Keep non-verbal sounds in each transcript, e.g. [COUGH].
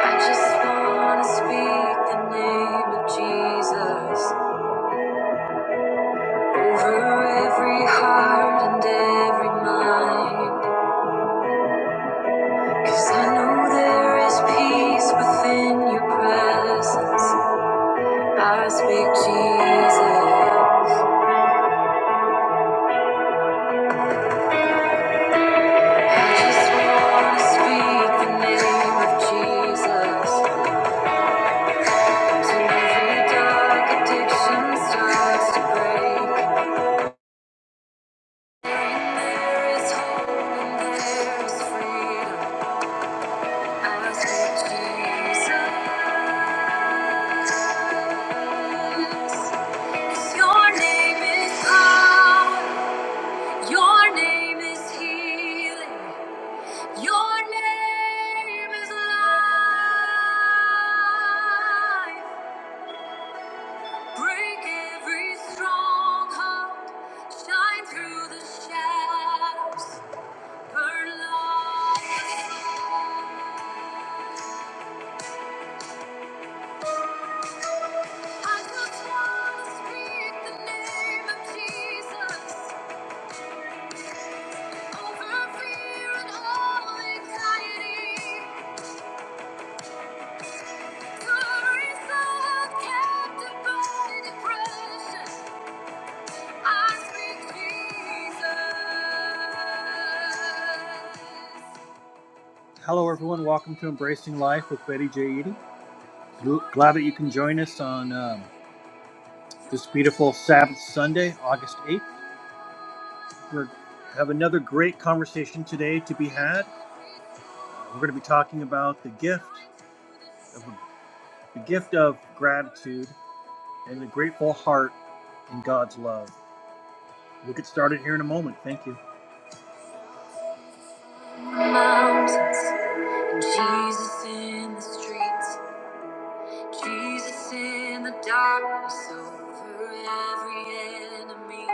I just wanna speak the name of Jesus over every heart and every mind. I know there is peace within your presence. I speak Jesus. I just wanna speak the name of Jesus. Till every dark addiction starts to break. There is hope and there is freedom. Your name is power. Your name is healing. Your name is life. Break every stronghold. Shine through the shadows. Burn light. I just wanna speak the name of Jesus. Hello, everyone. Welcome to Embracing Life with Betty J. Eady. Glad that you can join us on um, this beautiful Sabbath Sunday, August 8th. We have another great conversation today to be had. We're going to be talking about the gift of the gift of gratitude and a grateful heart in God's love. We'll get started here in a moment. Thank you. Mountains, and Jesus in the streets, Jesus in the darkness over every enemy,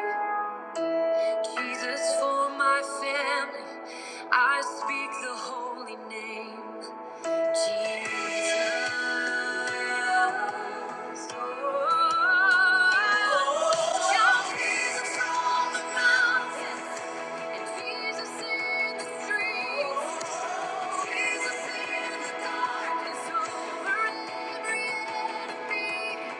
Jesus for my family. I speak the holy name. Jesus in the darkness over every enemy.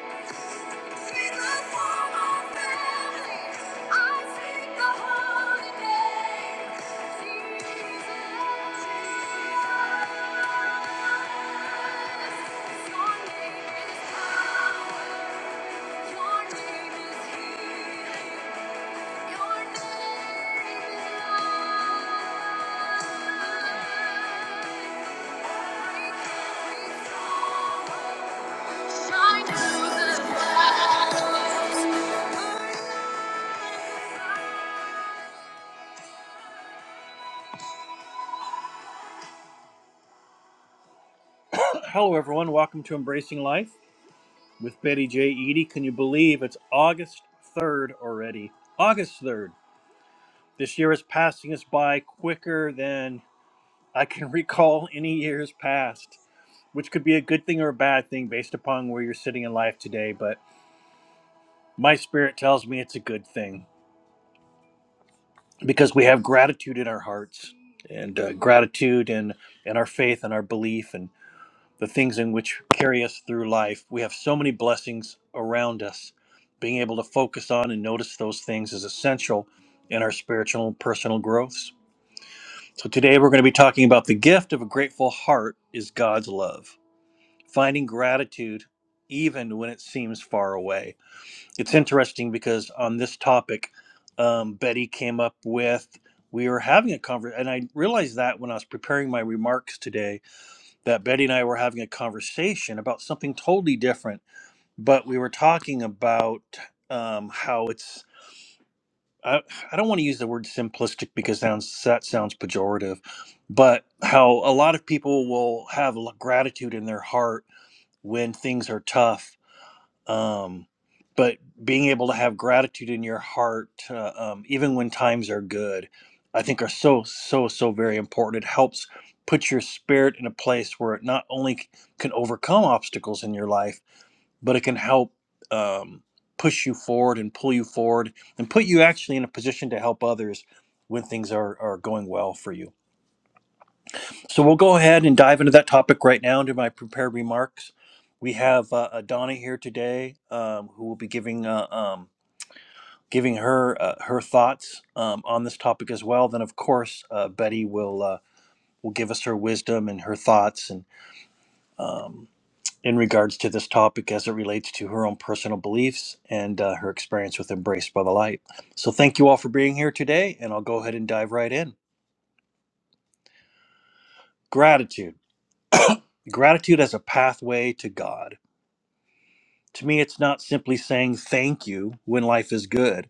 Shine through the clouds. Hello, everyone. Welcome to Embracing Life with Betty J. Eady. Can you believe it's August 3rd already? August 3rd. This year is passing us by quicker than I can [LAUGHS] recall any years past, which could be a good thing or a bad thing based upon where you're sitting in life today. But my spirit tells me it's a good thing because we have gratitude in our hearts and uh, gratitude and, and our faith and our belief. and. the things in which carry us through life. We have so many blessings around us. Being able to focus on and notice those things is essential in our spiritual and personal growths. So, today we're going to be talking about the gift of a grateful heart is God's love, finding gratitude even when it seems far away. It's interesting because on this topic, um, Betty came up with, we were having a conversation, and I realized that when I was preparing my remarks today that Betty and I were having a conversation about something totally different, but we were talking about um, how it's. I, I don't want to use the word simplistic because sounds that sounds pejorative, but how a lot of people will have l- gratitude in their heart when things are tough, um, but being able to have gratitude in your heart uh, um, even when times are good i think are so so so very important it helps put your spirit in a place where it not only c- can overcome obstacles in your life but it can help um, push you forward and pull you forward and put you actually in a position to help others when things are, are going well for you so we'll go ahead and dive into that topic right now into my prepared remarks. We have uh, uh, Donna here today, um, who will be giving uh, um, giving her uh, her thoughts um, on this topic as well. Then, of course, uh, Betty will uh, will give us her wisdom and her thoughts and um, in regards to this topic as it relates to her own personal beliefs and uh, her experience with Embraced by the Light. So, thank you all for being here today, and I'll go ahead and dive right in. Gratitude, gratitude as a pathway to God. To me, it's not simply saying thank you when life is good.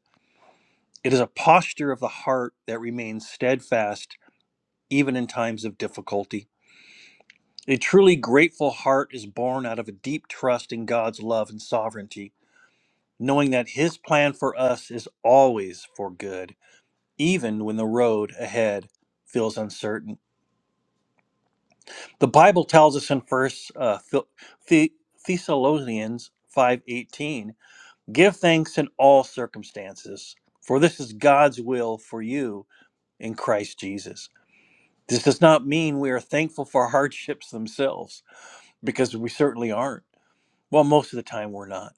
It is a posture of the heart that remains steadfast even in times of difficulty. A truly grateful heart is born out of a deep trust in God's love and sovereignty, knowing that His plan for us is always for good, even when the road ahead feels uncertain. The Bible tells us in First uh, Thessalonians 5:18 Give thanks in all circumstances, for this is God's will for you in Christ Jesus. This does not mean we are thankful for hardships themselves, because we certainly aren't. Well, most of the time we're not.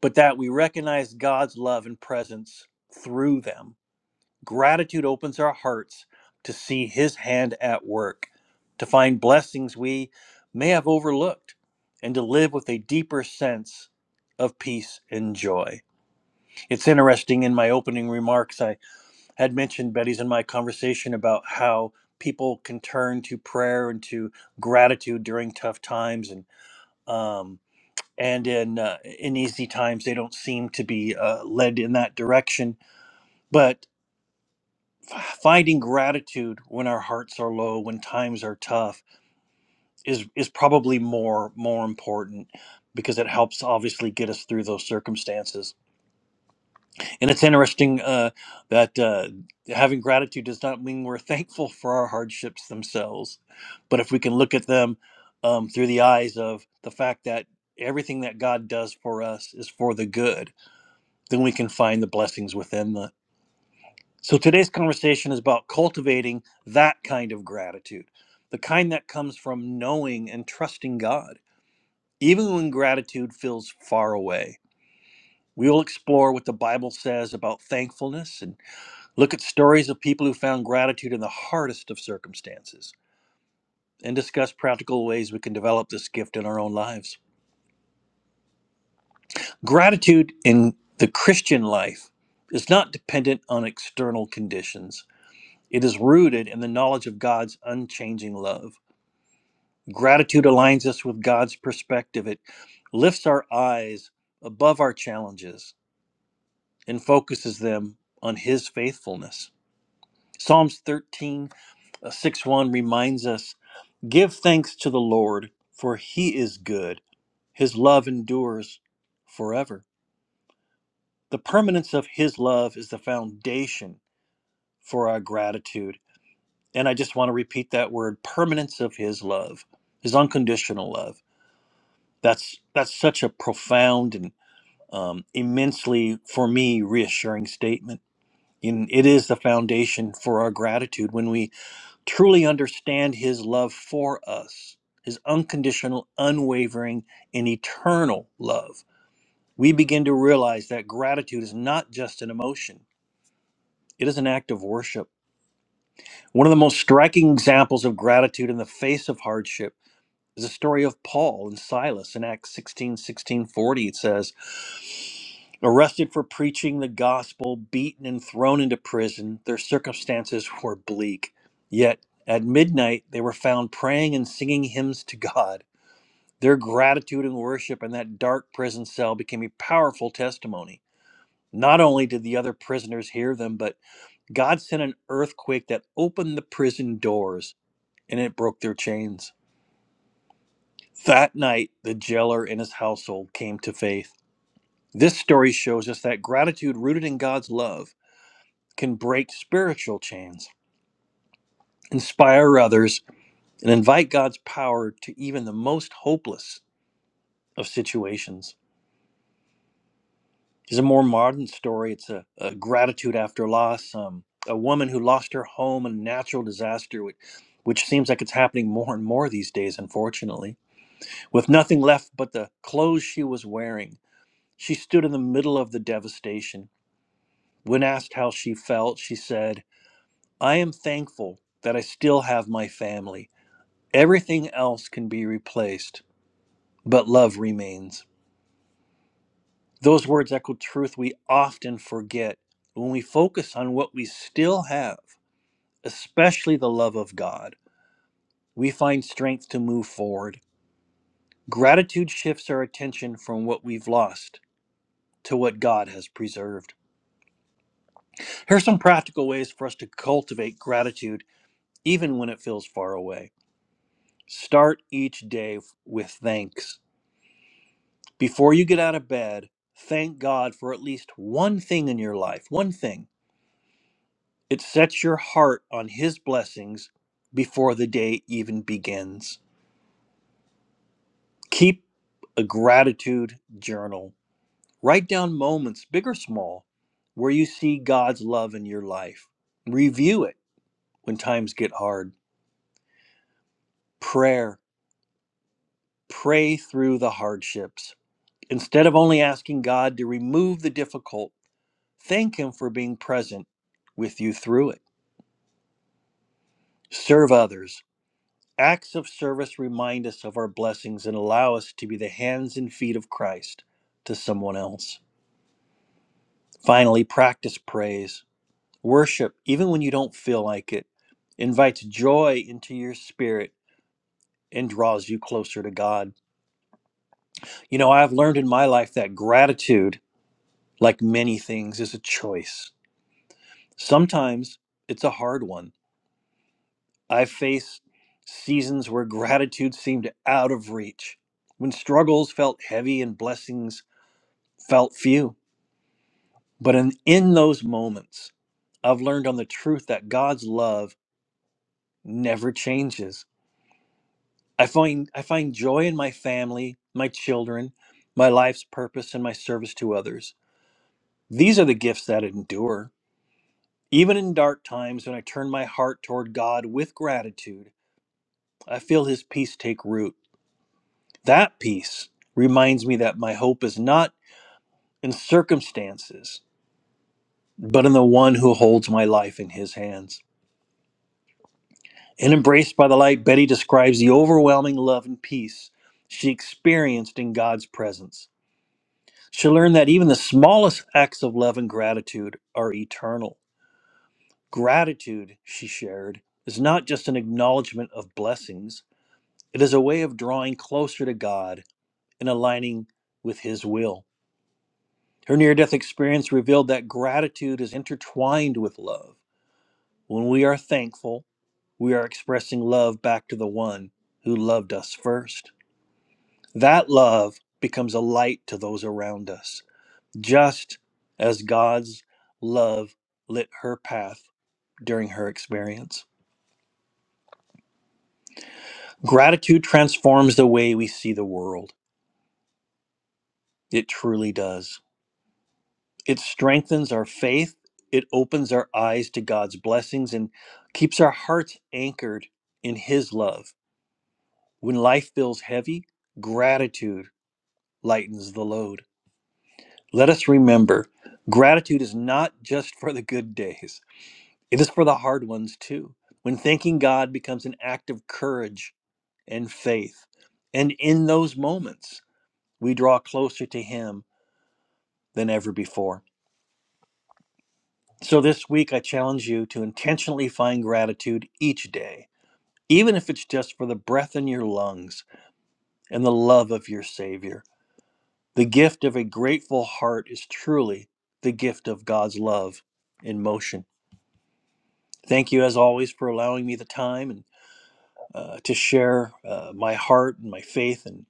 But that we recognize God's love and presence through them. Gratitude opens our hearts to see His hand at work, to find blessings we may have overlooked, and to live with a deeper sense of peace and joy. It's interesting in my opening remarks, I had mentioned Betty's in my conversation about how people can turn to prayer and to gratitude during tough times and um, and in uh, in easy times they don't seem to be uh, led in that direction. But f- finding gratitude when our hearts are low, when times are tough, is is probably more more important because it helps obviously get us through those circumstances. And it's interesting uh, that uh, having gratitude does not mean we're [LAUGHS] thankful for our hardships themselves, but if we can look at them um, through the eyes of the fact that everything that God does for us is for the good, then we can find the blessings within the. So today's conversation is about cultivating that kind of gratitude, the kind that comes from knowing and trusting God, even when gratitude feels far away. We will explore what the Bible says about thankfulness and. Look at stories of people who found gratitude in the hardest of circumstances and discuss practical ways we can develop this gift in our own lives. Gratitude in the Christian life is not dependent on external conditions, it is rooted in the knowledge of God's unchanging love. Gratitude aligns us with God's perspective, it lifts our eyes above our challenges and focuses them on His faithfulness. Psalms 13 uh, 6 1 reminds us. Give thanks to the Lord, for he is good. His love endures forever. The permanence of his love is the foundation for our gratitude. And I just want to repeat that word permanence of his love, his unconditional love. That's that's such a profound and um, immensely for me reassuring statement. And it is the foundation for our gratitude when we truly understand his love for us, his unconditional, unwavering, and eternal love, we begin to realize that gratitude is not just an emotion, it is an act of worship. One of the most striking examples of gratitude in the face of hardship is the story of Paul and Silas in Acts 16 16 40. It says. Arrested for preaching the gospel, beaten and thrown into prison, their circumstances were bleak. Yet at midnight, they were found praying and singing hymns to God. Their gratitude and worship in that dark prison cell became a powerful testimony. Not only did the other prisoners hear them, but God sent an earthquake that opened the prison doors and it broke their chains. That night, the jailer and his household came to faith. This story shows us that gratitude rooted in God's love can break spiritual chains, inspire others, and invite God's power to even the most hopeless of situations. It's a more modern story. It's a, a gratitude after loss. Um, a woman who lost her home in a natural disaster, which, which seems like it's happening more and more these days, unfortunately. With nothing left but the clothes she was wearing, she stood in the middle of the devastation. When asked how she felt, she said, I am thankful that I still have my family. Everything else can be replaced, but love remains. Those words echo truth we often forget when we focus on what we still have, especially the love of God. We find strength to move forward. Gratitude shifts our attention from what we've lost to what God has preserved. Here are some practical ways for us to cultivate gratitude, even when it feels far away. Start each day with thanks. Before you get out of bed, thank God for at least one thing in your life. One thing. It sets your heart on His blessings before the day even begins. Keep a gratitude journal. Write down moments, big or small, where you see God's love in your life. Review it when times get hard. Prayer. Pray through the hardships. Instead of only asking God to remove the difficult, thank Him for being present with you through it Serve others. Acts of service remind us of our blessings and allow us to be the hands and feet of Christ to someone else. Finally, practice praise. Worship, even when you don't feel like it, invites joy into your spirit and draws you closer to God. You know, I've learned in my life that gratitude, like many things, is a choice. Sometimes it's a hard one I've faced seasons where gratitude seemed out of reach, when struggles felt heavy and blessings felt few. But in, in those moments, I've learned on the truth that God's love never changes. I find I find joy in my family, my children, my life's purpose and my service to others. These are the gifts that endure. Even in dark times when I turn my heart toward God with gratitude, I feel his peace take root That peace reminds me that my hope is not in circumstances, but in the one who holds my life in his hands. And embraced by the light, Betty describes the overwhelming love and peace she experienced in God's presence. She learned that even the smallest acts of love and gratitude are eternal. Gratitude, she shared, is not just an acknowledgement of blessings, it is a way of drawing closer to God and aligning with His will. Her near death experience revealed that gratitude is intertwined with love. When we are thankful, we are expressing love back to the one who loved us first. That love becomes a light to those around us, just as God's love lit her path during her experience. Gratitude transforms the way we see the world. It truly does. It strengthens our faith. It opens our eyes to God's blessings and keeps our hearts anchored in His love. When life feels heavy, gratitude lightens the load. Let us remember gratitude is not just for the good days, it is for the hard ones too. When thanking God becomes an act of courage and faith, and in those moments, we draw closer to Him than ever before. So this week, I challenge you to intentionally find gratitude each day, even if it's just for the breath in your lungs and the love of your Savior. The gift of a grateful heart is truly the gift of God's love in motion. Thank you, as always, for allowing me the time and uh, to share uh, my heart and my faith and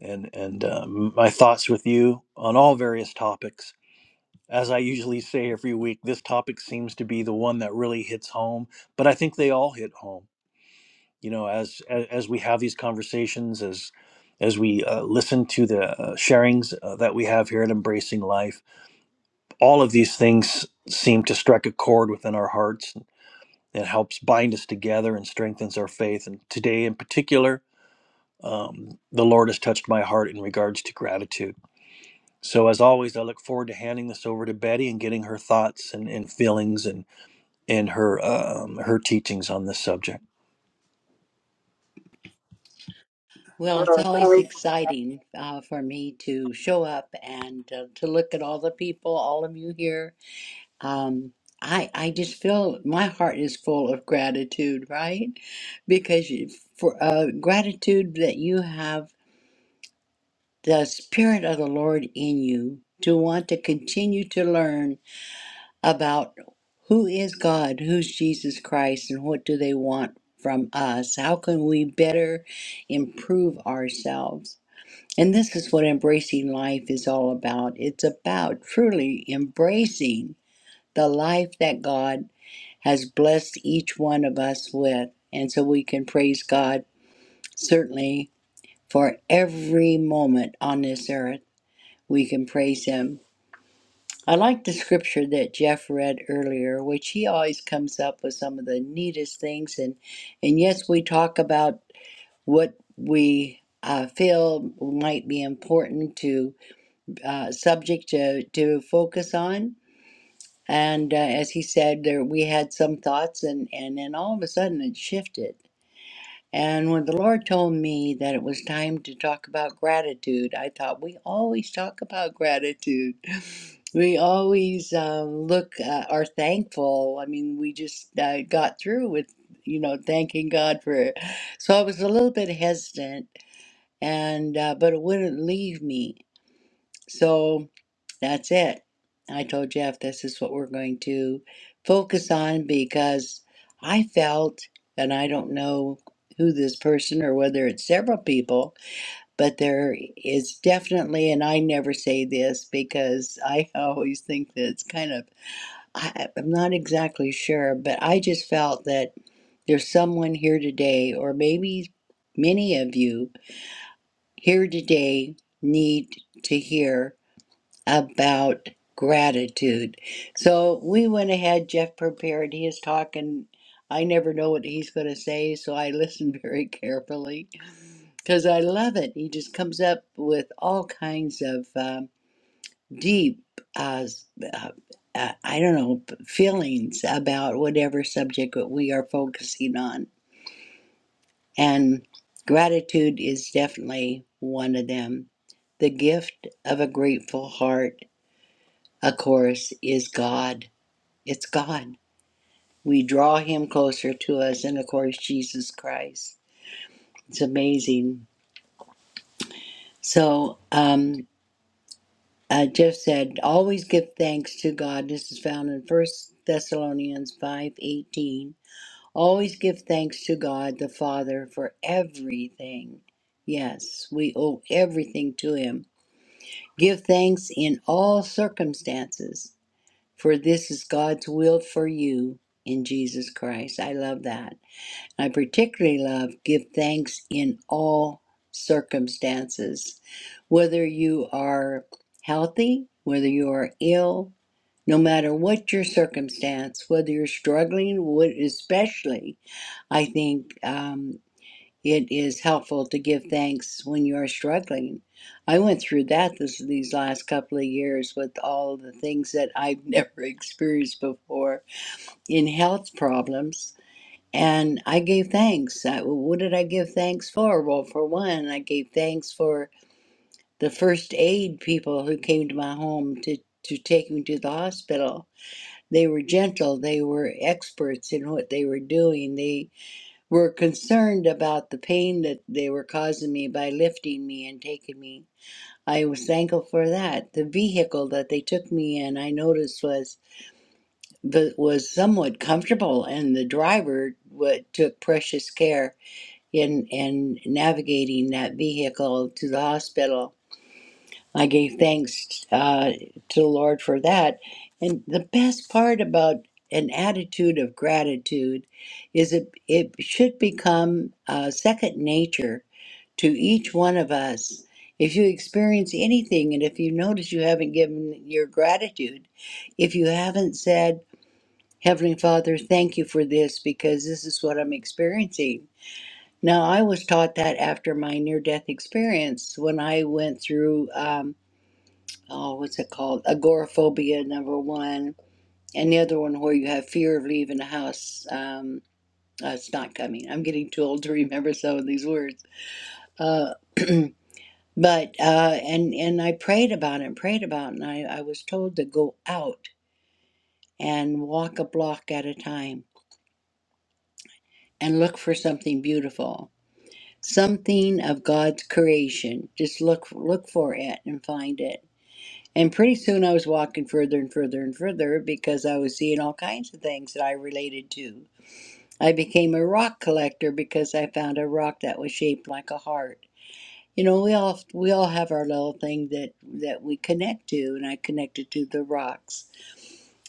and and uh, my thoughts with you on all various topics. As I usually say every week, this topic seems to be the one that really hits home, but I think they all hit home you know as as, as we have these conversations as as we uh, listen to the uh, sharings uh, that we have here at embracing life all of these things seem to strike a chord within our hearts and helps bind us together and strengthens our faith and today in particular um, the lord has touched my heart in regards to gratitude so as always i look forward to handing this over to betty and getting her thoughts and, and feelings and and her um, her teachings on this subject Well, it's always exciting uh, for me to show up and uh, to look at all the people, all of you here. Um, I I just feel my heart is full of gratitude, right? Because you, for uh, gratitude that you have the spirit of the Lord in you to want to continue to learn about who is God, who's Jesus Christ, and what do they want from us? How can we better improve ourselves? And this is what embracing life is all about. It's about truly embracing the life that God has blessed each one of us with. And so we can praise God certainly for every moment on this earth. We can praise Him. I like the scripture that Jeff read earlier, which he always comes up with some of the neatest things. And, and yes, we talk about what we uh, feel might be important to uh, subject to, to focus on. And uh, as he said, there we had some thoughts, and, and then all of a sudden it shifted. And when the Lord told me that it was time to talk about gratitude, I thought we always talk about gratitude. [LAUGHS] We always uh, look uh, are thankful. I mean, we just uh, got through with you know thanking God for. So I was a little bit hesitant, and uh, but it wouldn't leave me so that's it. I told Jeff this is what we're going to focus on because I felt, and I don't know who this person or whether it's several people, but there is definitely, and I never say this because I [LAUGHS] always think that it's kind of, I, I'm not exactly sure, but I just felt that there's someone here today, or maybe many of you here today need to hear about gratitude. So we went ahead, Jeff prepared his talk, and I never know what he's going to say, so I listen [LAUGHS] very carefully because I love it. He just comes up with all kinds of um, deep, uh, s- uh, uh, I don't know, p- feelings about whatever subject that we are focusing on. And gratitude is definitely one of them. The gift of a grateful heart, of course, is God It's God. We draw Him closer to us, and of course, Jesus Christ. It's amazing. So, um, uh, Jeff said, always give thanks to God. This is found in First Thessalonians five eighteen. Always give thanks to God the Father for everything. Yes, we owe everything to Him. Give thanks in all circumstances, for this is God's will for you in Jesus Christ. I love that. I particularly love give thanks in all circumstances, whether you are healthy, whether you are ill, no matter what your circumstance, whether you're struggling, what especially, I think um, it is helpful to give thanks when you are struggling. I went through that this, these last couple of years with all the things that I've never [LAUGHS] experienced before in health problems and I gave thanks. I, well, what did I give thanks for? Well, for one, I gave thanks for the first aid people who came to my home to, to take me to the hospital. They were gentle, they were experts in what they were doing. They were concerned about the pain that they were causing me by lifting me and taking me. I was thankful for that. The vehicle that they took me in, I noticed was was somewhat comfortable, and the driver what, took precious care in in navigating that vehicle to the hospital. I gave thanks uh, to the Lord for that. And the best part about an attitude of gratitude is it it should become uh, second nature to each one of us. If you experience anything, and if you notice you haven't given your gratitude, if you haven't said, Heavenly Father, thank you for this because this is what I'm experiencing now, I was taught that after my near death experience when I went through, um, oh, what's it called? Agoraphobia, number one, and the other one where you have fear of leaving a house. Um, uh, it's not coming. I'm getting too old to remember some of these words. Uh, [CLEARS THROAT] but, uh, and, and I prayed about it and prayed about it, and I, I was told to go out and walk a block at a time and look for something beautiful something of God's creation. Just look look for it and find it. And pretty soon I was walking further and further and further because I was seeing all kinds of things that I related to. I became a rock collector because I found a rock that was shaped like a heart. You know, we all we all have our little thing that that we connect to, and I connected to the rocks.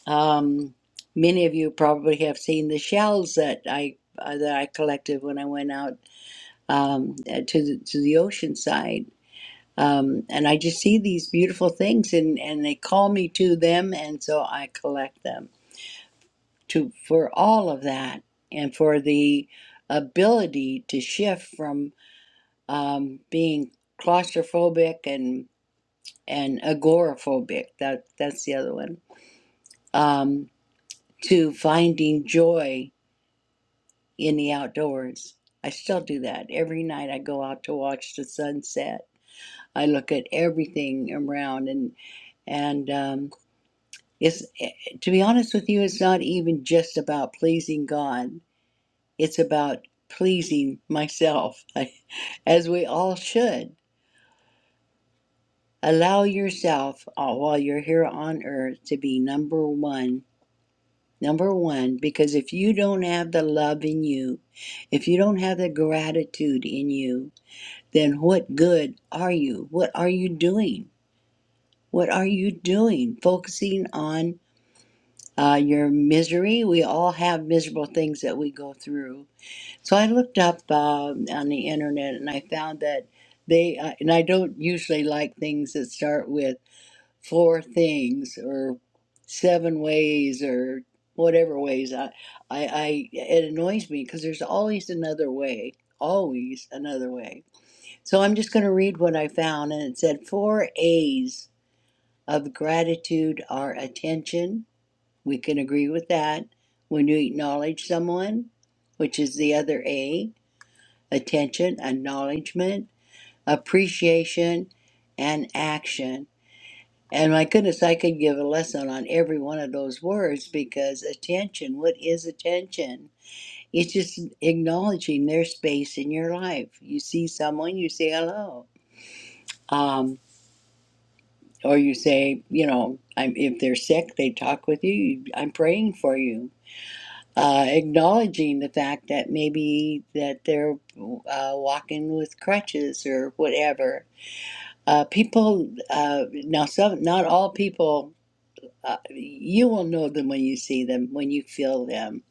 Um, many of you probably have seen the shells that I uh, that I collected when I went out um, to the, to the ocean side um, and I just see these beautiful things, and and they call me to them, and so I collect them to for all of that, and for the ability to shift from um, being claustrophobic and and agoraphobic. That that's the other one. Um, to finding joy in the outdoors. I still do that every night. I go out to watch the sunset. I look at everything around and and um, It's, eh, to be honest with you, it's not even just about pleasing God, it's about pleasing myself, [LAUGHS] as we all should. Allow yourself uh, while you're here on earth to be number one. Number one, because if you don't have the love in you, if you don't have the gratitude in you, then what good are you? What are you doing? What are you doing? Focusing on uh, your misery. We all have miserable things that we go through. So I looked up um on the internet and I found that they, uh, and I don't usually like things that start with four things or seven ways or whatever ways. I, I, I it annoys me because there's always another way. Always another way. So I'm just going to read what I found, and it said four A's of gratitude are attention, we can agree with that when you acknowledge someone, which is the other A attention, acknowledgement, appreciation, and action. And my goodness, I could give a lesson on every one of those words because attention, what is attention? It's just acknowledging their space in your life. You see someone, you say hello. Um, or you say, you know, I'm, if they're sick, they talk with you. I'm praying for you uh, acknowledging the fact that maybe that they're uh, walking with crutches or whatever. Uh, people uh, now, some not all people. Uh, you will know them when you see them, when you feel them.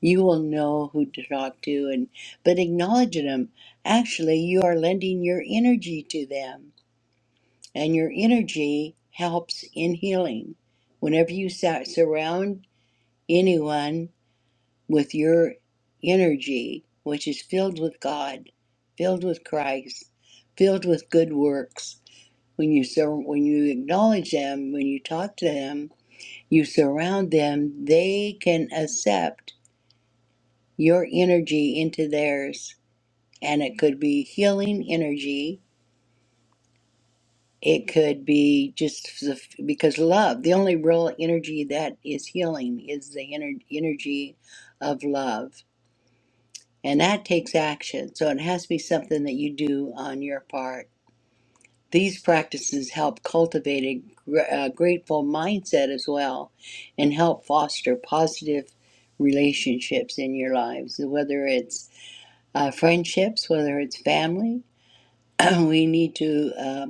You will know who to talk to, and but acknowledging them, actually, you are lending your energy to them, and your energy helps in healing. Whenever you sa- surround anyone with your energy, which is filled with God, filled with Christ, filled with good works. When you sur- when you acknowledge them, when you talk to them, you surround them. They can accept your energy into theirs, and it could be healing energy. It could be just the, because love. The only real energy that is healing is the ener- energy of love And that takes action. So it has to be something that you do on your part. These practices help cultivate a, gr- a grateful mindset as well and help foster positive relationships in your lives, whether it's uh, friendships, whether it's family. [CLEARS THROAT] we need to uh,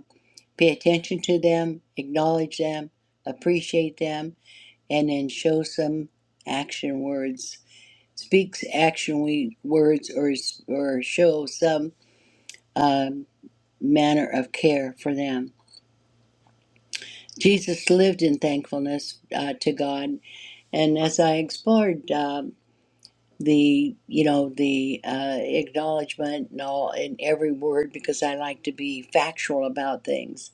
pay attention to them, acknowledge them, appreciate them, and then show some action words. Speaks action we, words or, s- or show some um, manner of care for them. Jesus lived in thankfulness uh, to God, and as I explored um, the, you know, the uh, acknowledgement and all in every word, because I like to be factual about things,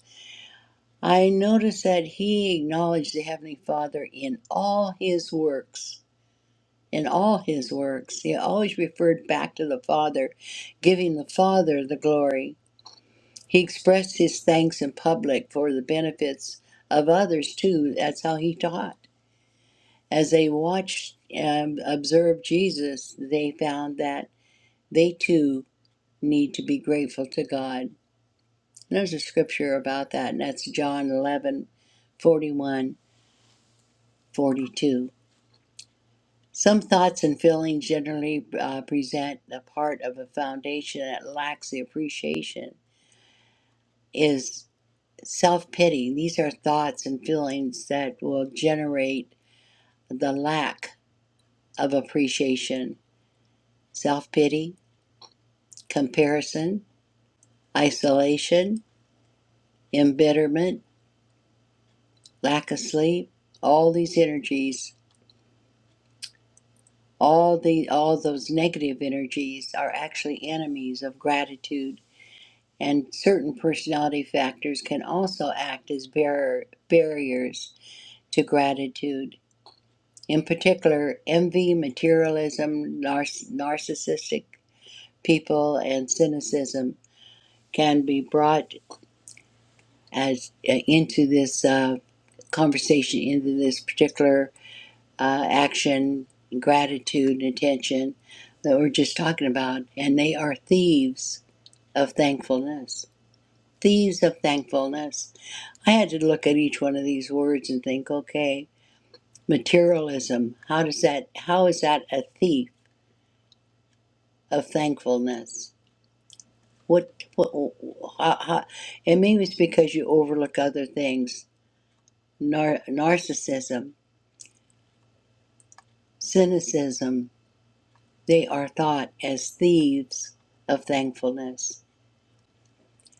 I noticed that he acknowledged the Heavenly Father in all his works. In all his works, he always referred back to the Father, giving the Father the glory He expressed his thanks in public for the benefits of others too. That's how he taught. As they watched and observed Jesus, they found that they too need to be grateful to God. And there's a scripture about that, and that's John 11, 41, 42. Some thoughts and feelings generally uh, present a part of a foundation that lacks the appreciation is self pity. These are thoughts and feelings that will generate the lack of appreciation, self pity, comparison, isolation, embitterment, lack of sleep. All these energies, all the all those negative energies are actually enemies of gratitude. And certain personality factors can also act as barrier, barriers to gratitude. in particular envy, materialism, narcissistic people, and cynicism can be brought as uh, into this uh, conversation, into this particular uh, action, gratitude, attention that we're just talking about, and they are thieves of thankfulness. Thieves of thankfulness. I had to look at each one of these words and think, okay, materialism. How does that? How is that a thief? of thankfulness? What, what how, how, and maybe it's because you overlook other things. Nar- narcissism, cynicism, they are thought as thieves of thankfulness.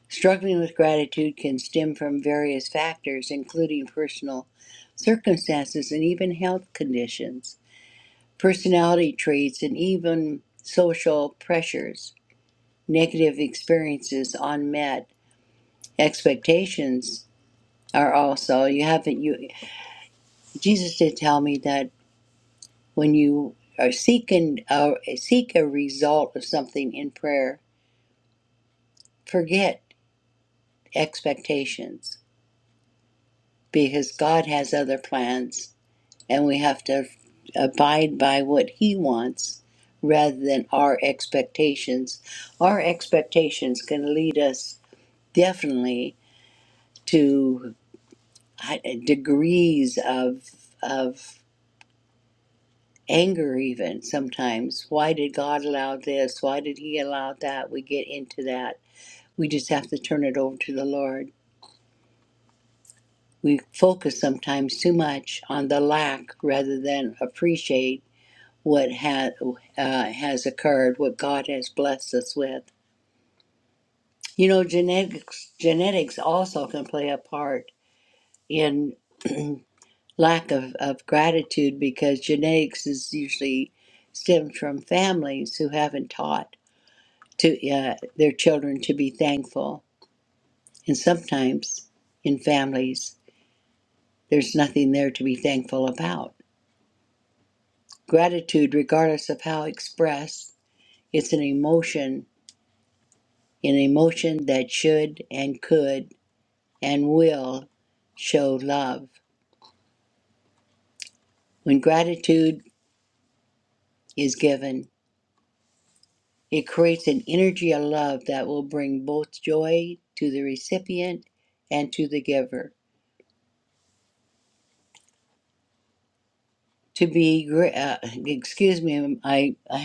Struggling with gratitude can stem from various factors, including personal circumstances and even health conditions, personality traits, and even social pressures, negative experiences, unmet expectations, are also you haven't you jesus did tell me that when you are seeking uh, seek a result of something in prayer forget expectations because god has other plans and we have to abide by what he wants rather than our expectations our expectations can lead us definitely to uh, degrees of of anger even sometimes why did god allow this why did he allow that we get into that we just have to turn it over to the lord we focus sometimes too much on the lack rather than appreciate what ha- uh, has occurred what god has blessed us with you know genetics genetics also can play a part in [CLEARS THROAT] lack of, of gratitude because genetics is usually stemmed from families who haven't taught to uh, their children to be thankful. And sometimes in families, there's nothing there to be thankful about. Gratitude, regardless of how expressed, it's an emotion, an emotion that should and could and will show love. When gratitude is given, it creates an energy of love that will bring both joy to the recipient and to the giver. To be, gra- uh, excuse me, I, I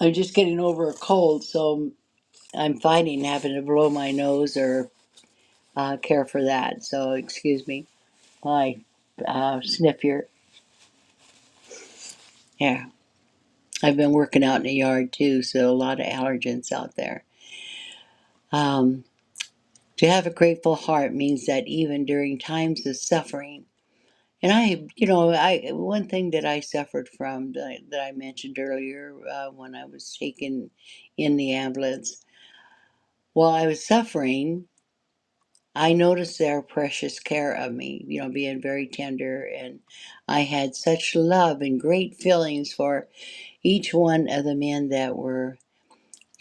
I'm just getting over a cold, so I'm fighting having to blow my nose or uh, care for that. So excuse me, I uh, sniff your Yeah, I've been working out in the yard too, so a lot of allergens out there. Um, to have a grateful heart means that even during times of suffering, and I, you know, I one thing that I suffered from that I, that I mentioned earlier uh, when I was taken in the ambulance. While I was suffering, I noticed their precious care of me, you know, being very tender. And I had such love and great feelings for each one of the men that were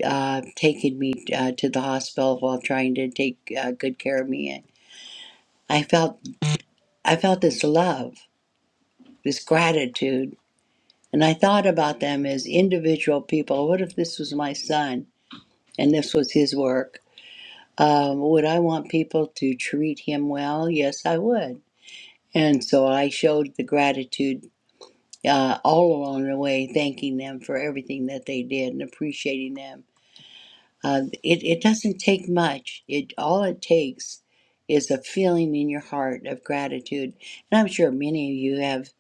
uh, taking me uh, to the hospital while trying to take uh, good care of me. And I felt, I felt this love, this gratitude. And I thought about them as individual people. What if this was my son and this was his work? Um, would I want people to treat him well? Yes, I would. And so I showed the gratitude uh, all along the way, thanking them for everything that they did and appreciating them. Uh, it, it doesn't take much. It all it takes is a feeling in your heart of gratitude. And I'm sure many of you have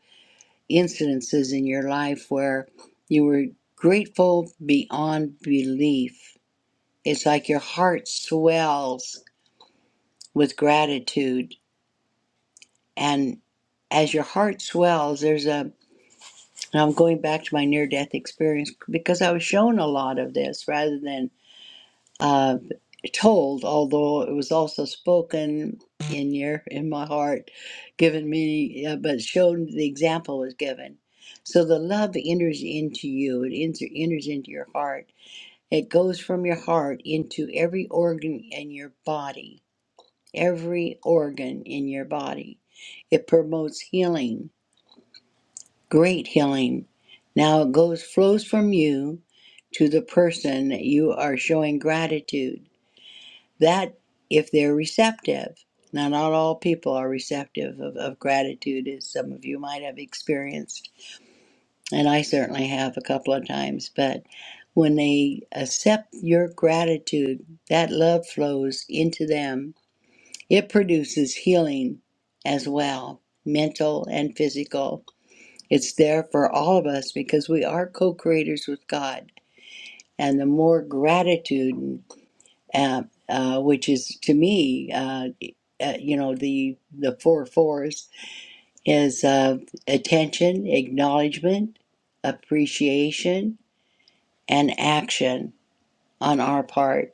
incidences in your life where you were grateful beyond belief. It's like your heart swells with gratitude, and as your heart swells, there's a And I'm going back to my near death experience because I was shown a lot of this rather than uh, told, although it was also spoken in your in my heart, given me, uh, but shown the example was given. So the love enters into you, it enter, enters into your heart. It goes from your heart into every organ in your body, every organ in your body. It promotes healing great healing. Now it goes flows from you to the person that you are showing gratitude. That if they're receptive. Now not all people are receptive of, of gratitude as some of you might have experienced. And I certainly have a couple of times, but when they accept your gratitude, that love flows into them. It produces healing as well, mental and physical. It's there for all of us because we are co creators with God. And the more gratitude, uh, uh, which is to me, uh, uh, you know, the, the four fours is uh, attention, acknowledgement, appreciation, and action on our part.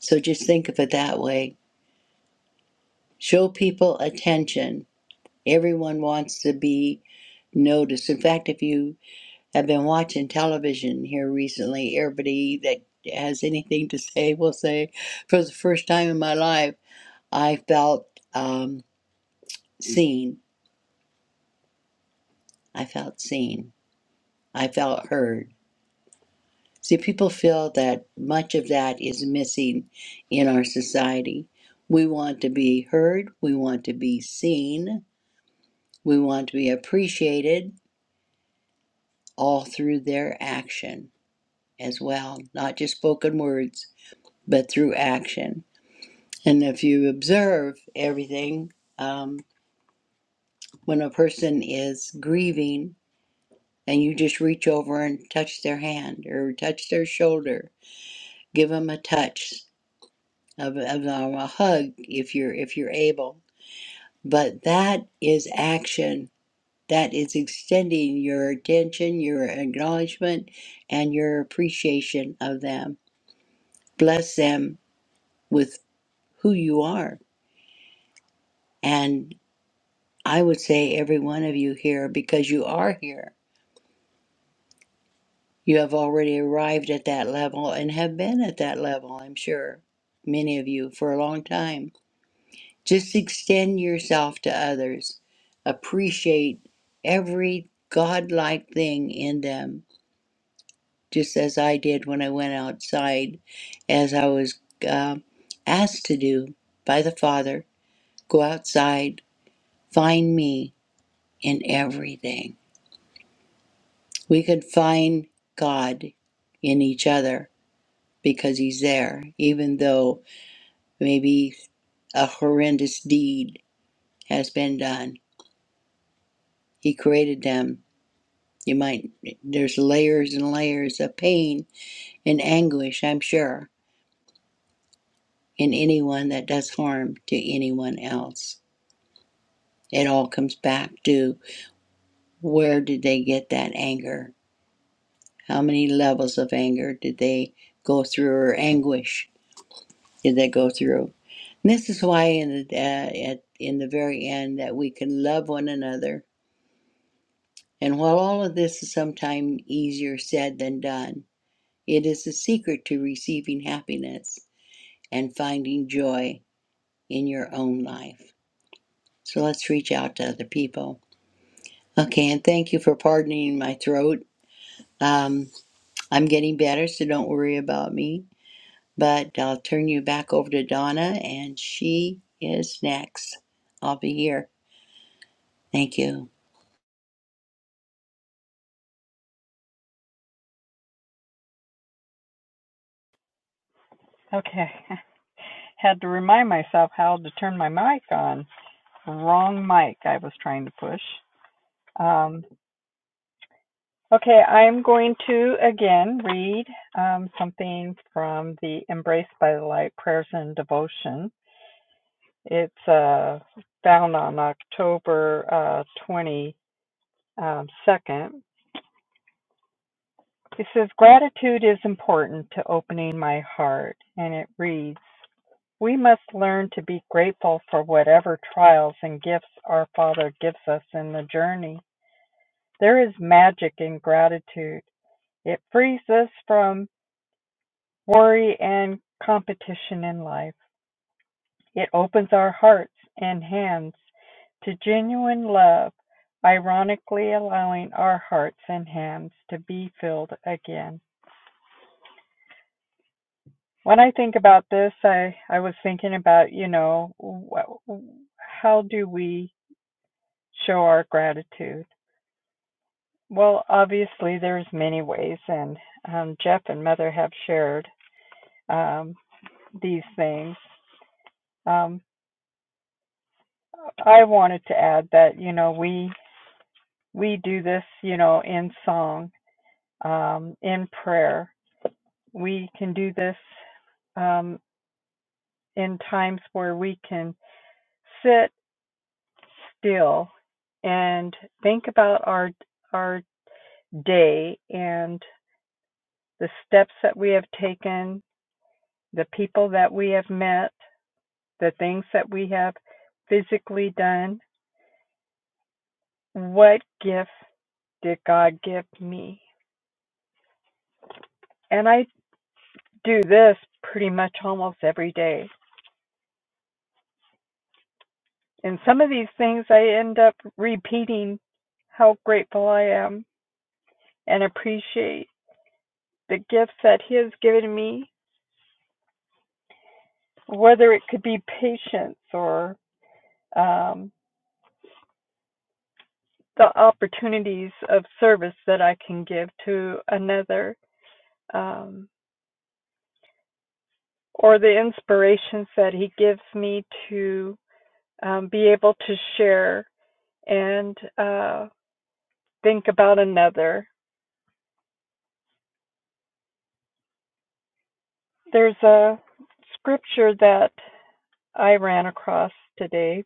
So just think of it that way. Show people attention. Everyone wants to be noticed. In fact, if you I've been watching television here recently. Everybody that has anything to say will say, for the first time in my life, I felt um, seen. I felt seen. I felt heard. See, people feel that much of that is missing in our society. We want to be heard, we want to be seen, we want to be appreciated all through their action as well, not just spoken words, but through action. And if you observe everything, um, when a person is grieving and you just reach over and touch their hand or touch their shoulder, give them a touch of, of um, a hug if you're if you're able. But that is action. That is extending your attention, your acknowledgement, and your appreciation of them. Bless them with who you are. And I would say every one of you here because you are here You have already arrived at that level and have been at that level, I'm sure, many of you, for a long time. Just extend yourself to others. Appreciate every godlike thing in them, just as I did when I went outside, as I was uh, asked to do by the Father. Go outside, find me in everything. We can find God in each other because He's there, even though Maybe a horrendous deed has been done. He created them. You might, there's layers and layers of pain and anguish, I'm sure, in anyone that does harm to anyone else. It all comes back to where did they get that anger? How many levels of anger did they go through, or anguish did they go through? And this is why, in the, uh, at, in the very end, that we can love one another And while all of this is sometimes easier said than done, it is the secret to receiving happiness and finding joy in your own life. So let's reach out to other people. Okay, and thank you for pardoning my throat. Um, I'm getting better, so don't worry about me. But I'll turn you back over to Donna, and she is next. I'll be here. Thank you. Okay. [LAUGHS] Had to remind myself how to turn my mic on. Wrong mic I was trying to push. Um, okay, I'm going to again read um, something from the Embraced by the Light Prayers and Devotion. It's uh, found on October uh, 22nd. It says, Gratitude is important to opening my heart. And it reads, We must learn to be grateful for whatever trials and gifts our Father gives us in the journey. There is magic in gratitude. It frees us from worry and competition in life. It opens our hearts and hands to genuine love, ironically allowing our hearts and hands to be filled again. When I think about this, I, I was thinking about, you know, how do we show our gratitude? Well, obviously there's many ways, and um, Jeff and Mother have shared um, these things. Um, I wanted to add that you know we we do this you know in song, um, in prayer. We can do this um, in times where we can sit still and think about our our day and the steps that we have taken the people that we have met, the things that we have physically done. What gift did God give me? And I do this pretty much almost every day. And some of these things I end up repeating how grateful I am and appreciate the gifts that He has given me, whether it could be patience or um, the opportunities of service that I can give to another. Um, or the inspirations that he gives me to um, be able to share and uh, think about another. There's a scripture that I ran across today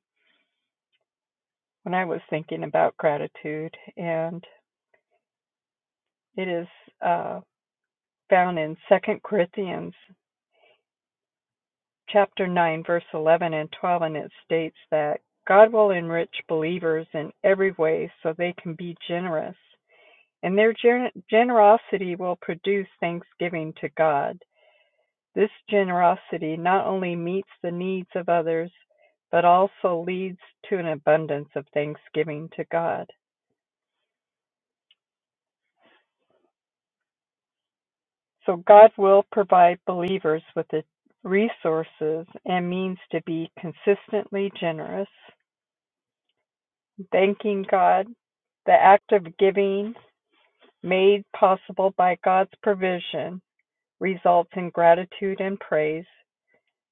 when I was thinking about gratitude, and it is uh, found in Second Corinthians chapter 9, verse 11 and 12, and it states that God will enrich believers in every way so they can be generous and their gener- generosity will produce thanksgiving to God. This generosity not only meets the needs of others, but also leads to an abundance of thanksgiving to God. So God will provide believers with the resources and means to be consistently generous. Thanking God, the act of giving made possible by God's provision results in gratitude and praise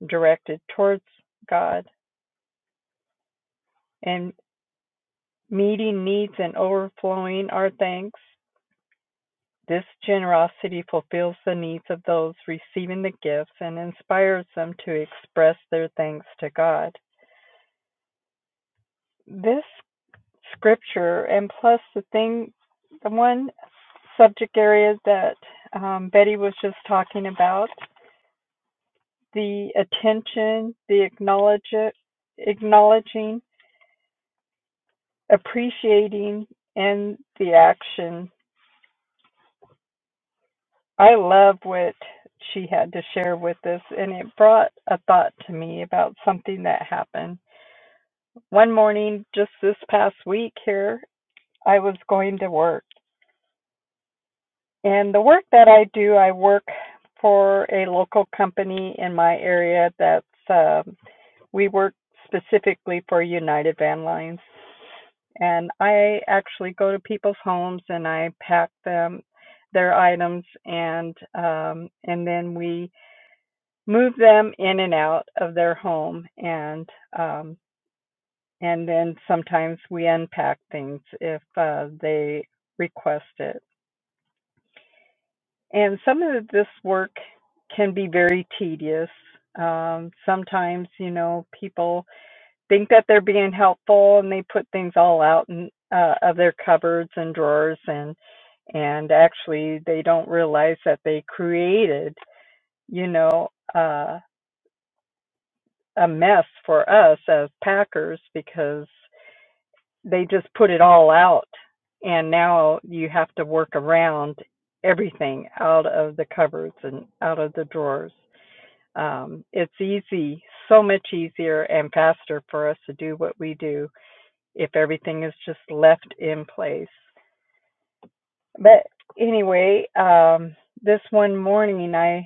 directed towards God and meeting needs and overflowing our thanks. This generosity fulfills the needs of those receiving the gifts and inspires them to express their thanks to God. This scripture and plus the thing, the one subject area that um, Betty was just talking about, the attention, the acknowledge, acknowledging, appreciating, and the action I love what she had to share with us, and it brought a thought to me about something that happened. One morning, just this past week here, I was going to work. And the work that I do, I work for a local company in my area that's, um, we work specifically for United Van Lines. And I actually go to people's homes and I pack them their items and um, and then we move them in and out of their home and um and then sometimes we unpack things if uh, they request it and some of this work can be very tedious um sometimes you know people think that they're being helpful and they put things all out in, uh, of their cupboards and drawers and and actually they don't realize that they created you know uh, a mess for us as packers because they just put it all out and now you have to work around everything out of the cupboards and out of the drawers. Um, it's easy, so much easier and faster for us to do what we do if everything is just left in place. But anyway, um, this one morning, I,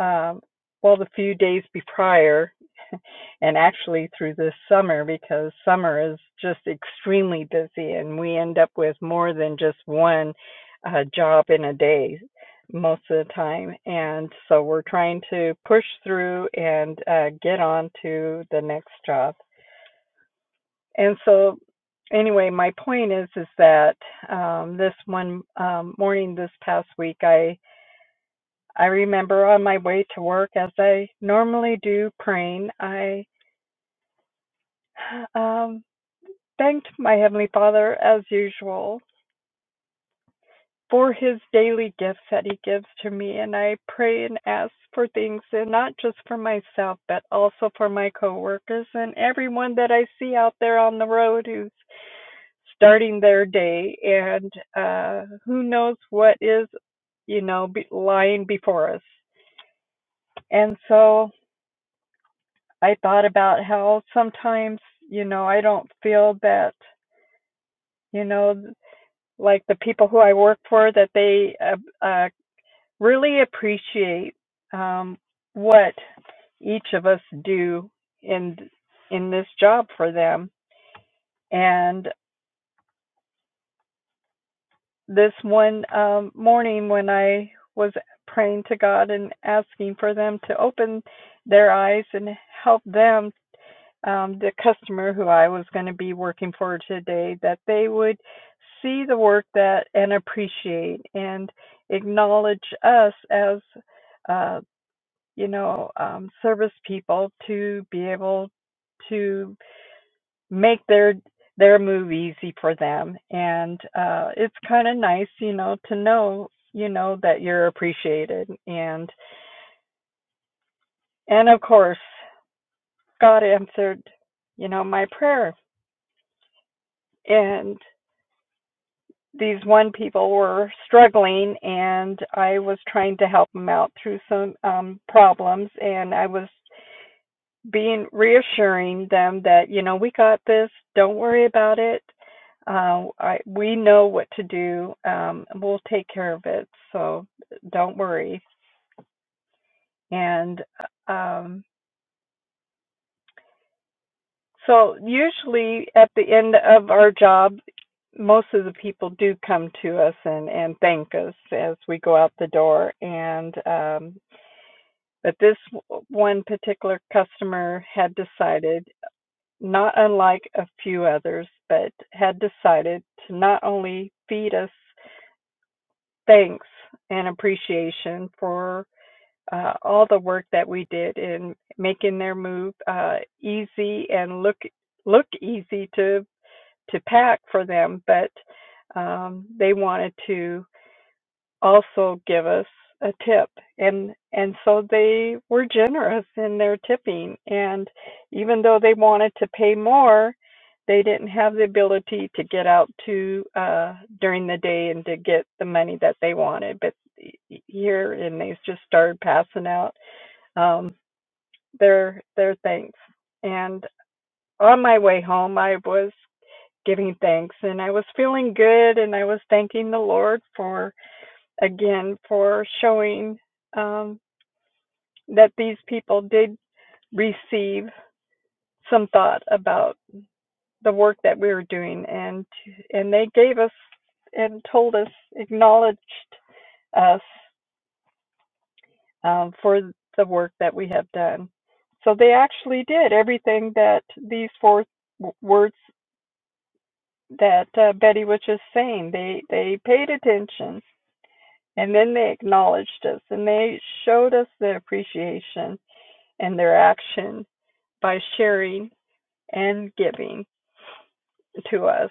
um, well, the few days be prior, and actually through this summer because summer is just extremely busy and we end up with more than just one uh, job in a day most of the time. And so we're trying to push through and uh, get on to the next job. And so anyway, my point is is that um, this one um, morning this past week, I I remember on my way to work, as I normally do, praying. I [SIGHS] um, thanked my Heavenly Father, as usual, for his daily gifts that he gives to me. And I pray and ask for things, and not just for myself, but also for my coworkers and everyone that I see out there on the road who's starting their day. And uh, who knows what is, you know, be- lying before us. And so I thought about how sometimes, you know, I don't feel that. You know, like the people who I work for that they uh, uh, really appreciate um, what each of us do in in this job for them. And this one um, morning when I was praying to God and asking for them to open their eyes and help them um, the customer who I was going to be working for today that they would see the work that and appreciate and acknowledge us as uh, you know um, service people to be able to make their their move easy for them and uh, it's kind of nice you know to know you know that you're appreciated and and of course God answered you know my prayer and. these one people were struggling and I was trying to help them out through some um problems and I was being reassuring them that you know we got this don't worry about it uh, I, we know what to do um, we'll take care of it so don't worry and uh, um So usually at the end of our job, most of the people do come to us and, and thank us as we go out the door. And um, but this one particular customer had decided, not unlike a few others, but had decided to not only feed us thanks and appreciation for uh, all the work that we did in making their move uh, easy and look look easy to to pack for them, but um, they wanted to also give us a tip, and and so they were generous in their tipping. And even though they wanted to pay more, they didn't have the ability to get out to uh, during the day and to get the money that they wanted. But here, and they just started passing out um, their their thanks. And on my way home, I was giving thanks and I was feeling good and I was thanking the Lord for again for showing um, that these people did receive some thought about the work that we were doing and and they gave us and told us acknowledged us um, for the work that we have done. So they actually did everything that these four words that uh, Betty was just saying. They they paid attention And then they acknowledged us and they showed us their appreciation and their action by sharing and giving to us.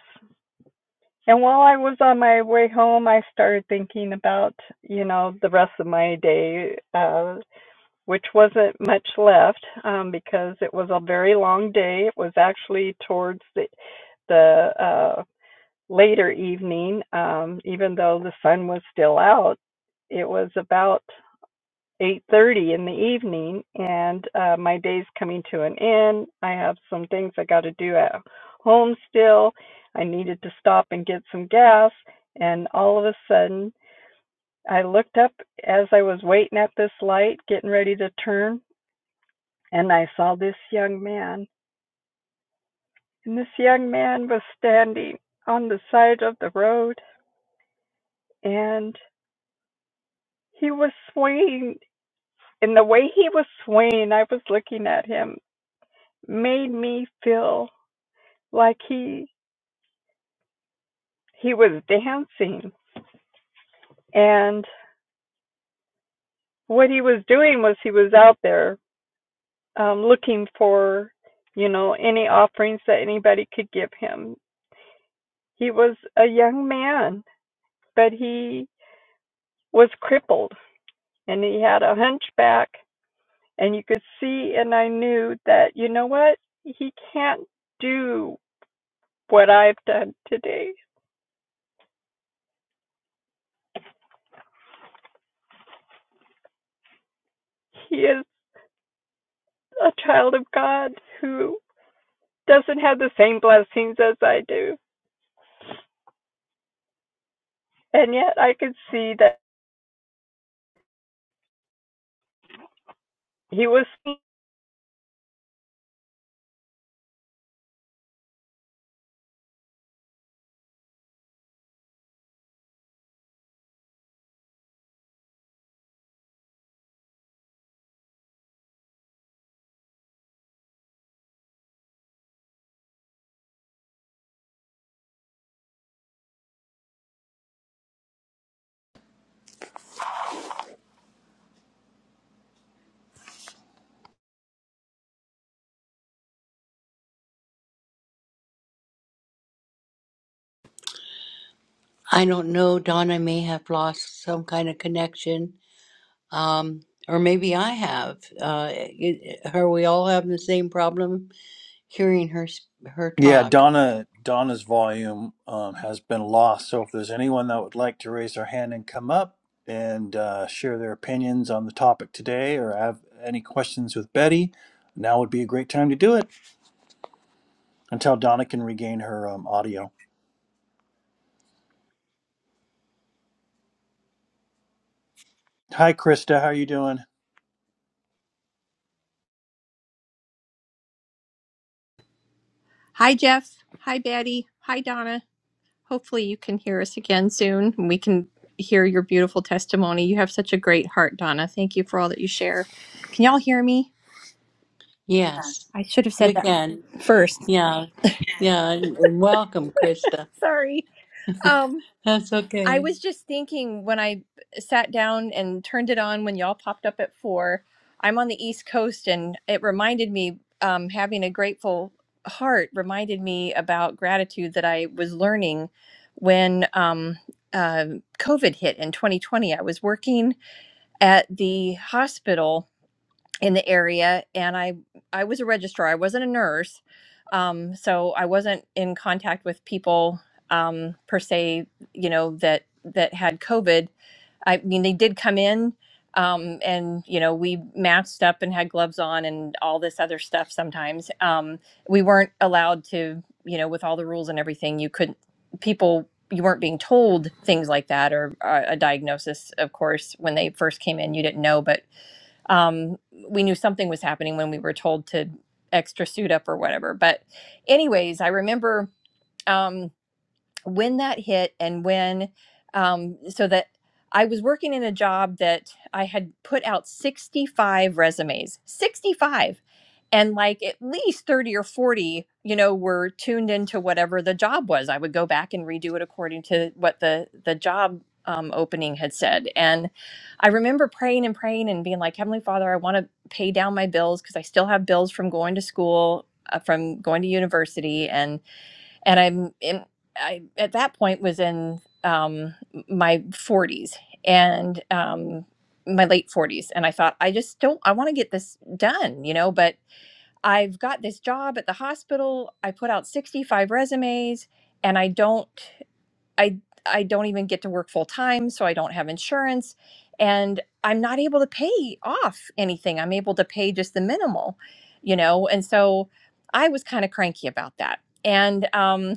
And while I was on my way home, I started thinking about, you know, the rest of my day, uh, which wasn't much left um, because it was a very long day. It was actually towards the, the uh, later evening, um, even though the sun was still out. It was about 8:30 in the evening, and uh, my day's coming to an end. I have some things I got to do at home still. I needed to stop and get some gas, and all of a sudden, I looked up as I was waiting at this light, getting ready to turn, and I saw this young man. And this young man was standing on the side of the road, and he was swaying. And the way he was swaying, I was looking at him, made me feel like he he was dancing and what he was doing was he was out there um looking for you know any offerings that anybody could give him he was a young man but he was crippled and he had a hunchback and you could see and i knew that you know what he can't do what i've done today he is a child of god who doesn't have the same blessings as i do and yet I could see that he was I don't know, Donna may have lost some kind of connection. Um, or maybe I have. Uh, it, are we all having the same problem hearing her s- her Yeah, talk? Donna Donna's volume um, has been lost. So if there's anyone that would like to raise their hand and come up and uh, share their opinions on the topic today, or have any questions with Betty, now would be a great time to do it until Donna can regain her um, audio. Hi, Krista. How are you doing? Hi, Jeff. Hi, Betty. Hi, Donna. Hopefully, you can hear us again soon. and We can hear your beautiful testimony. You have such a great heart, Donna. Thank you for all that you share. Can y'all hear me? Yes, I should have said we that can. first. Yeah, yeah. And, and welcome, Krista. Sorry. Um, That's I okay. was just thinking when I sat down and turned it on when y'all popped up at four. I'm on the East Coast, and it reminded me um, having a grateful heart reminded me about gratitude that I was learning when um, uh, COVID hit in 2020. I was working at the hospital in the area and i i was a registrar i wasn't a nurse um, so i wasn't in contact with people um, per se you know that that had covid i mean they did come in um, and you know we matched up and had gloves on and all this other stuff sometimes um, we weren't allowed to you know with all the rules and everything you couldn't people you weren't being told things like that or uh, a diagnosis of course when they first came in you didn't know but um, we knew something was happening when we were told to extra suit up or whatever. But, anyways, I remember. Um, when that hit and when um, so that i was working in a job that i had put out 65 resumes 65 and like at least 30 or 40 you know were tuned into whatever the job was i would go back and redo it according to what the the job um, opening had said and i remember praying and praying and being like heavenly father i want to pay down my bills because i still have bills from going to school uh, from going to university and and I'm in, I at that point was in um, my 40s and um, my late 40s, and I thought I just don't I want to get this done, you know. But I've got this job at the hospital. I put out 65 resumes, and I don't I I don't even get to work full time, so I don't have insurance, and I'm not able to pay off anything. I'm able to pay just the minimal, you know, and so. I was kind of cranky about that. And um,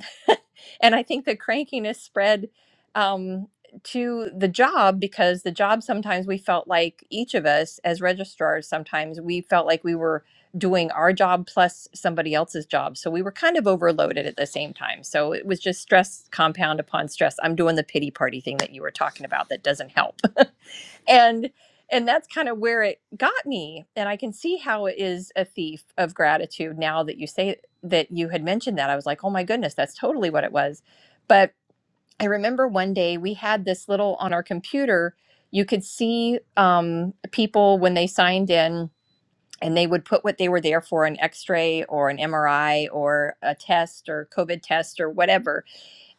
and I think the crankiness spread um, to the job because the job sometimes we felt like each of us as registrars sometimes we felt like we were doing our job plus somebody else's job so we were kind of overloaded at the same time so it was just stress compound upon stress i'm doing the pity party thing that you were talking about that doesn't help and and that's kind of where it got me and i can see how it is a thief of gratitude now that you say that you had mentioned that i was like oh my goodness that's totally what it was but i remember one day we had this little on our computer you could see um, people when they signed in and they would put what they were there for an x-ray or an mri or a test or covid test or whatever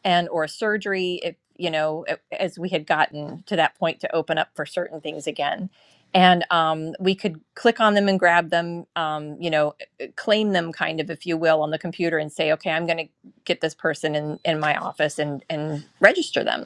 and or surgery if you know as we had gotten to that point to open up for certain things again and um, we could click on them and grab them um, you know uh, claim them kind of if you will on the computer and say okay i'm going to get this person in in my office and and register them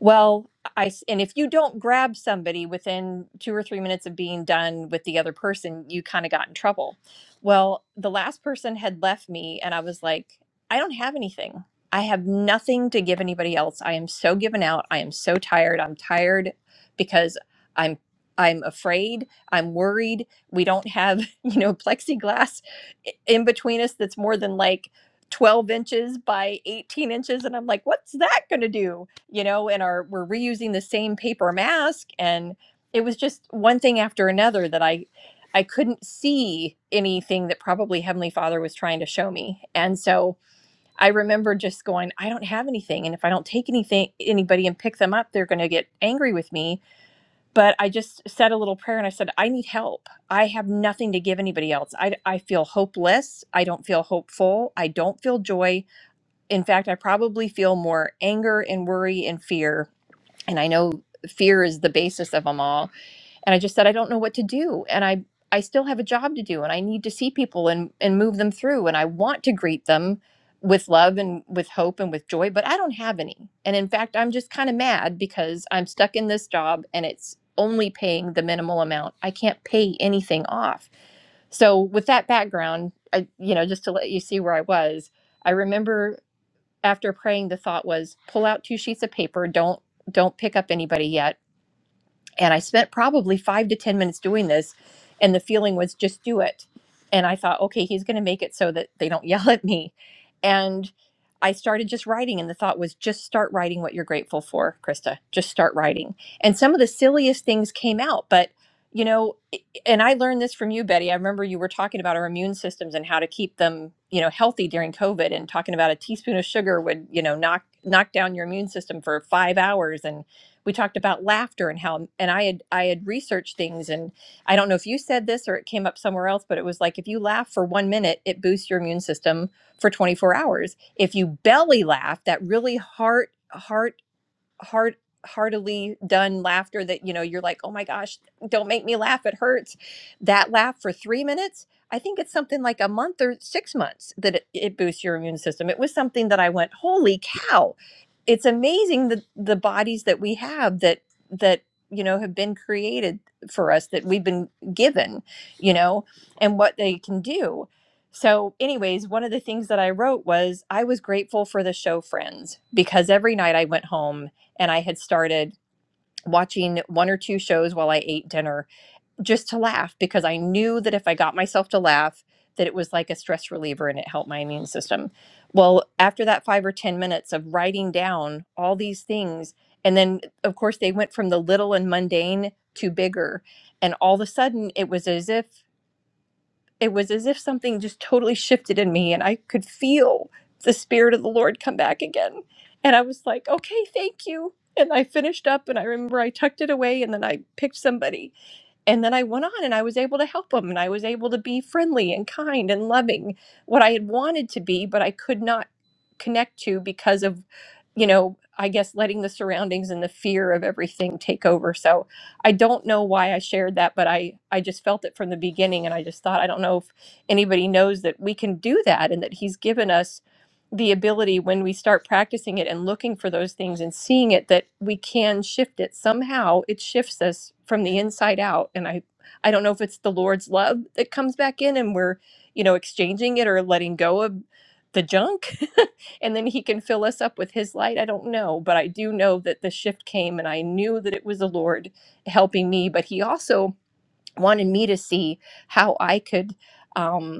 well, I s- and if you don't grab somebody within two or three minutes of being done with the other person, you kind of got in trouble. Well, the last person had left me, and I was like, I don't have anything. I have nothing to give anybody else. I am so given out. I am so tired. I'm tired because I'm I'm afraid. I'm worried. We don't have [LAUGHS] you know plexiglass i- in between us that's more than like 12 inches by 18 inches and i'm like what's that going to do you know, and are we're reusing the same paper mask and it was just one thing after another that I I couldn't see anything that probably Heavenly Father was trying to show me. And so I remember just going, I don't have anything and if I don't take anything anybody and pick them up, they're going to get angry with me. But I just said a little prayer and I said, I need help. I have nothing to give anybody else. I I feel hopeless. I don't feel hopeful. I don't feel joy. In fact, I probably feel more anger and worry and fear and I know fear is the basis of them all. And I just said, I don't know what to do. And I, I still have a job to do and I need to see people and, and move them through. And I want to greet them with love and with hope and with joy, but I don't have any. And in fact, I'm just kind of mad because I'm stuck in this job and it's only paying the minimal amount. I can't pay anything off. So with that background, I, you know, just to let you see where I was, I remember after praying the thought was pull out two sheets of paper don't don't pick up anybody yet and I spent probably five to 10 minutes doing this. And the feeling was just do it. And I thought, okay, he's going to make it so that they don't [LAUGHS] yell at me. And I started just writing. And the thought was just start writing what you're grateful for, Krista. Just start writing. And some of the silliest things came out. But, you know, and I learned this from you, Betty. I remember you were talking about our immune systems and how to keep them, you know, healthy during COVID and talking about a teaspoon of sugar would, you know, knock knock down your immune system for five hours. And we talked about laughter and how and I had I had researched things and I don't know if you said this or it came up somewhere else, but it was like if you laugh for one minute, it boosts your immune system for 24 hours. If you belly laugh, that really heart heart Hard, heartily done laughter that you know you're like oh my gosh don't make me laugh it hurts that laugh for three minutes i think it's something like a month or six months that it, it boosts your immune system it was something that i went holy cow it's amazing the the bodies that we have that that you know have been created for us that we've been given you know and what they can do so, anyways, one of the things that I wrote was I was grateful for the show Friends because every night I went home and I had started watching one or two shows while I ate dinner just to laugh because I knew that if I got myself to laugh, that it was like a stress reliever and it helped my immune system. Well, after that five or 10 minutes of writing down all these things, and then of course they went from the little and mundane to bigger. And all of a sudden it was as if it was as if something just totally shifted in me and I could feel the spirit of the Lord come back again. And I was like, okay, thank you. And I finished up and I remember I tucked it away and then I picked somebody and then I went on and I was able to help them, and I was able to be friendly and kind and loving, what I had wanted to be, but I could not connect to because of, you know, I guess letting the surroundings and the fear of everything take over. So I don't know why I shared that, but I, I just felt it from the beginning. And I just thought, I don't know if anybody knows that we can do that and that he's given us the ability when we start practicing it and looking for those things and seeing it that we can shift it somehow it shifts us from the inside out and i i don't know if it's the lord's love that comes back in and we're you know exchanging it or letting go of the junk [LAUGHS] and then he can fill us up with his light i don't know but i do know that the shift came and i knew that it was the lord helping me but he also wanted me to see how i could um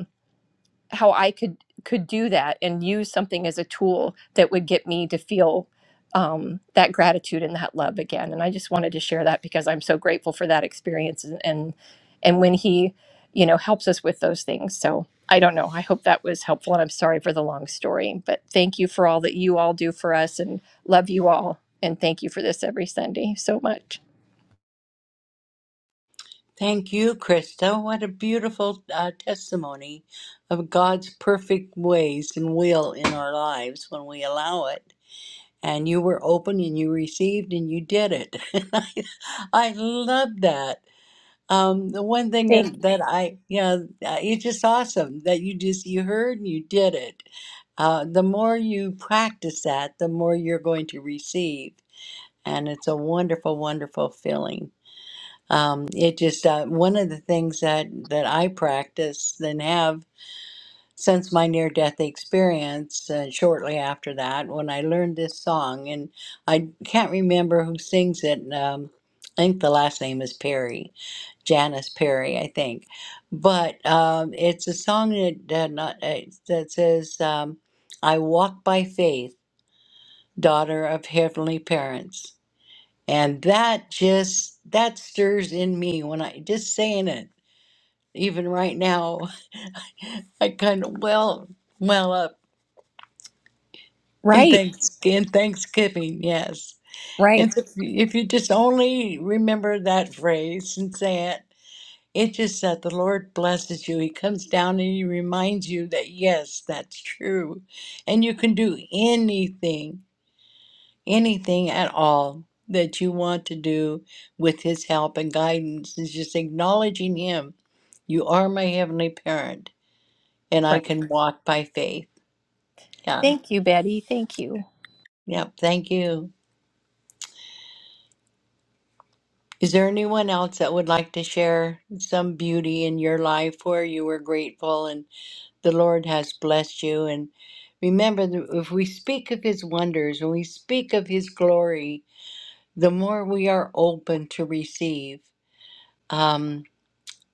how I could could do that and use something as a tool that would get me to feel um, that gratitude and that love again. And I just wanted to share that because I'm so grateful for that experience and and, and when he you know helps us with those things. So I don't know. I hope that was helpful, and I'm sorry for the long story, but thank you for all that you all do for us, and love you all, and thank you for this every Sunday so much. Thank you, Krista. What a beautiful uh, testimony of God's perfect ways and will in our lives when we allow it. And you were open and you received and you did it. [LAUGHS] I, I love that. Um, the one thing that that I, yeah, uh, it's just awesome that you just you heard and you did it. Uh, the more you practice that, the more you're going to receive, and it's a wonderful, wonderful feeling. Um, it just uh, one of the things that that I practice and have since my near death experience uh, shortly after that when I learned this song. And I can't remember who sings it. Um, I think the last name is Perry, Janice Perry, I think. But um, it's a song that, that, not, uh, that says, um, I walk by faith, daughter of heavenly parents. And that just, that stirs in me when I, just saying it, even right now, [LAUGHS] I kind of well, well up In Right, thanks in Thanksgiving, yes. right, And so if you, if you just only remember that phrase and say it, it just that the Lord blesses you. He comes down and he reminds you that yes, that's true, and you can do anything, anything at all that you want to do with His help and guidance. Is just acknowledging Him. You are my heavenly parent, and I right. can walk by faith. Yeah. Thank you, Betty. Thank you. Yep. Thank you. Is there anyone else that would like to share some beauty in your life where you were grateful and the Lord has blessed you? And remember, that if we speak of His wonders and we speak of His glory, the more we are open to receive. Um,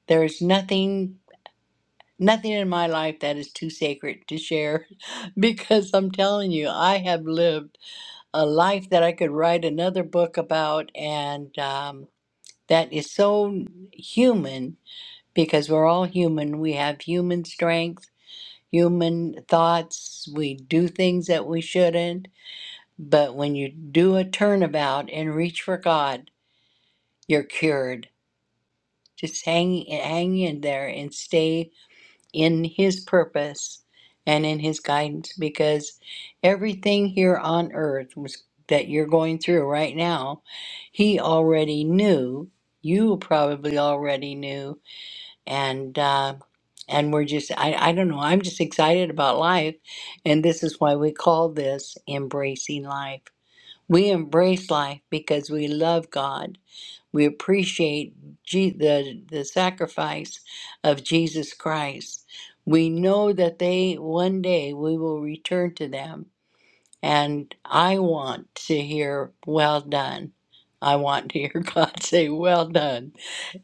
there is nothing, nothing in my life that is too sacred to share, [LAUGHS] because I'm telling you, I have lived a life that I could write another book about, and um, that is so human because we're all human. We have human strength, human thoughts. We do things that we shouldn't. But when you do a turnabout and reach for God, you're cured. Just hang, hang in there and stay in His purpose and in His guidance because everything here on earth was, that you're going through right now, He already knew. You probably already knew and uh, and we're just I, I don't know i'm just excited about life and this is why we call this embracing life we embrace life because we love god we appreciate Je- the, the sacrifice of jesus christ we know that they one day we will return to them and I want to hear, well done. I want to hear [LAUGHS] God say, well done.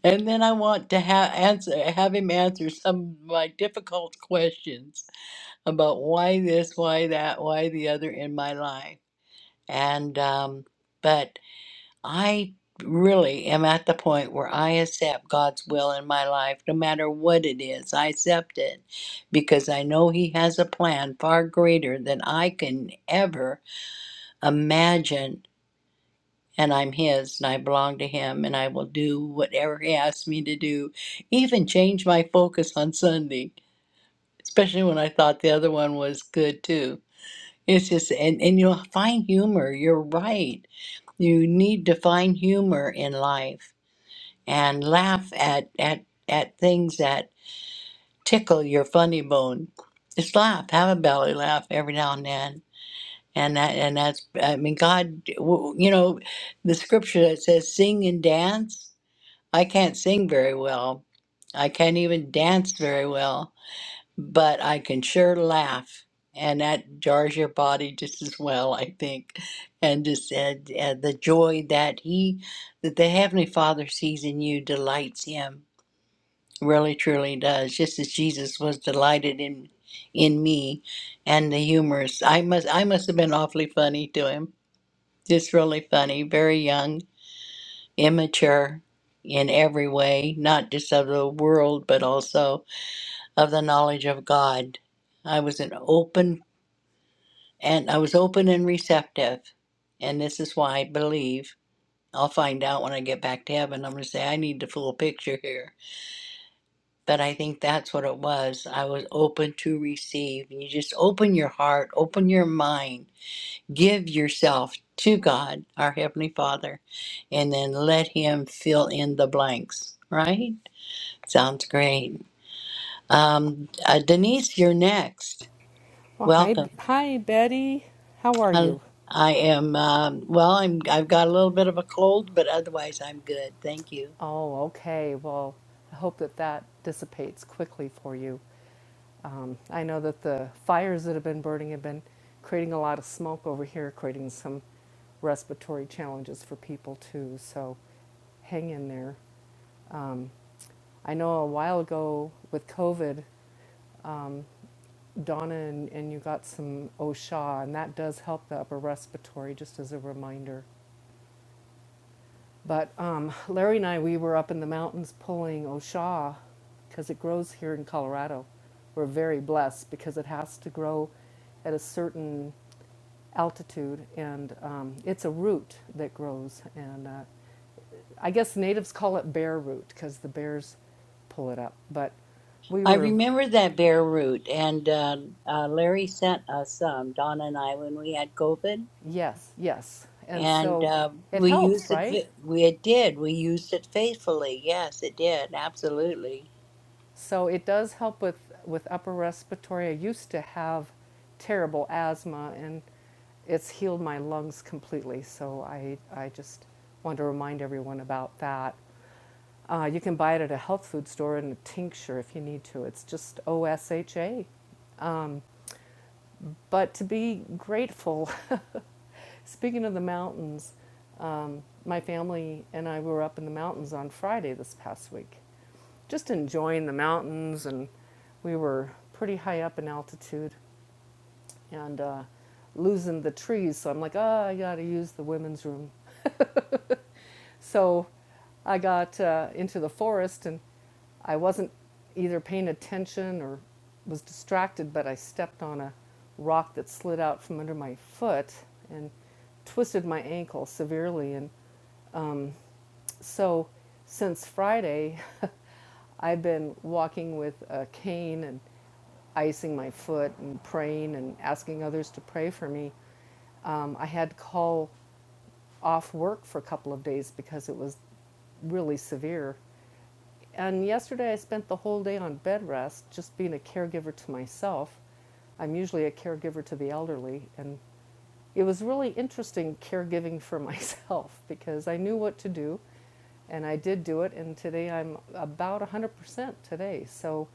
And then I want to have answer have him answer some of my difficult questions about why this, why that, why the other in my life. And um, but I really am at the point where I accept God's will in my life, no matter what it is. I accept it because I know He has a plan far greater than I can ever imagine and I'm his and I belong to him and I will do whatever he asks me to do, even change my focus on Sunday, especially when I thought the other one was good too. It's just and, and you'll find humor. You're right. You need to find humor in life and laugh at at at things that tickle your funny bone. Just laugh, have a belly laugh every now and then and that and that's i mean god w- you know the scripture that says sing and dance i can't sing very well i can't even dance very well but i can sure laugh and that jars your body just as well i think and just and, and the joy that he that the heavenly father sees in you delights him really truly does just as jesus was delighted in in me and the humorous i must i must have been awfully funny to him just really funny, very young, immature in every way, not just of the world, but also of the knowledge of God. I was an open and I was open and receptive. And this is why I believe I'll find out when I get back to heaven. I'm going to say, I need the full picture here. But I think that's what it was. I was open to receive. You just open your heart, open your mind give yourself to God, our Heavenly Father, and then let Him fill in the blanks, right? Sounds great. Um, uh, Denise, you're next. Well, hi, Welcome. hi, Betty. How are you? Hel- I am, um, well, I'm, I've got a little bit of a cold, but otherwise I'm good. Thank you. Oh, okay. Well, I hope that that dissipates quickly for you. Um, I know that the fires that have been burning have been creating a lot of smoke over here, creating some respiratory challenges for people too. So hang in there. I know a while ago with COVID, Donna and, and you got some OSHA, and that does help the upper respiratory, just as a reminder. But um, Larry and I, we were up in the mountains pulling Oshaw because it grows here in Colorado. We're very blessed because it has to grow at a certain altitude, and um, it's a root that grows. And uh, I guess natives call it bear root because the bears pull it up. But we I were, remember that bare root, and uh, uh, Larry sent us some, Donna and I, when we had COVID yes, yes. And and so uh, it we helps, used it. right? fa- We it did. We used it faithfully. Yes, it did. Absolutely, So it does help with, with upper respiratory. I used to have terrible asthma and it's healed my lungs completely. So I, I just want to remind everyone about that. Uh, you can buy it at a health food store in a tincture if you need to. It's just OSHA. But to be grateful, [LAUGHS] speaking of the mountains, my family and I were up in the mountains on Friday this past week just enjoying the mountains and we were pretty high up in altitude and uh, losing the trees. So I'm like, oh, I got to use the women's room. So I got uh, into the forest and I wasn't either paying attention or was distracted, but I stepped on a rock that slid out from under my foot and twisted my ankle severely. And so since Friday, [LAUGHS] I've been walking with a cane and icing my foot and praying and asking others to pray for me. Um, I had to call off work for a couple of days because it was really severe. And yesterday I spent the whole day on bed rest, just being a caregiver to myself. I'm usually a caregiver to the elderly, and it was really interesting caregiving for [LAUGHS] myself because I knew what to do and I did do it and today I'm about 100% today. So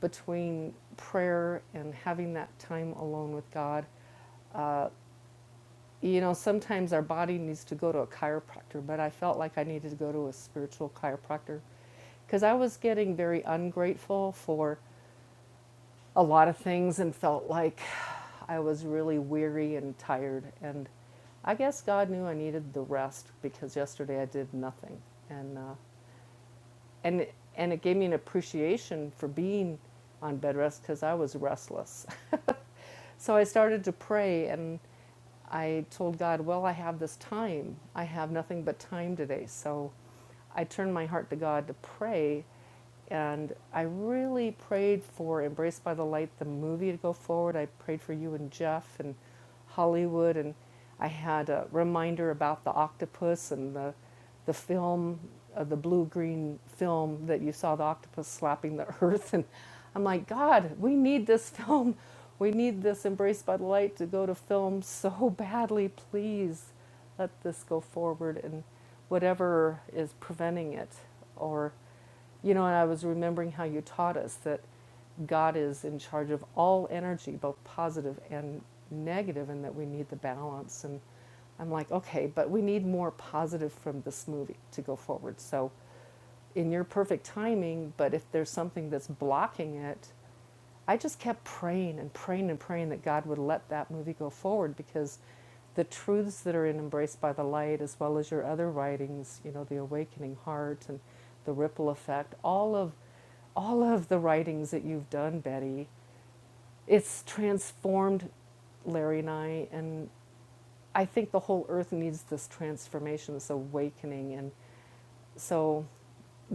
between prayer and having that time alone with God, you know, sometimes our body needs to go to a chiropractor, but I felt like I needed to go to a spiritual chiropractor because I was getting very ungrateful for a lot of things and felt like I was really weary and tired. And I guess God knew I needed the rest because yesterday I did nothing. And, uh, and, and it gave me an appreciation for being on bed rest because I was restless. [LAUGHS] so I started to pray and I told God, Well, I have this time. I have nothing but time today. So I turned my heart to God to pray and I really prayed for Embraced by the Light, the movie, to go forward. I prayed for you and Jeff and Hollywood. And I had a reminder about the octopus and the, the film, uh, the blue green film that you saw the octopus slapping the [LAUGHS] earth. And I'm like, God, we need this [LAUGHS] film. We need this Embraced by the Light to go to film so [LAUGHS] badly. Please let this go forward. And whatever is preventing it or you know, and I was remembering how you taught us that God is in charge of all energy, both positive and negative, and that we need the balance. And I'm like, okay, but we need more positive from this movie to go forward. So, in your perfect timing, but if there's something that's blocking it, I just kept praying and praying and praying that God would let that movie go forward because the truths that are in Embraced by the Light, as well as your other writings, you know, The Awakening Heart and The Ripple Effect, all of all of the writings that you've done, Betty, it's transformed Larry and I and I think the whole earth needs this transformation, this awakening and. So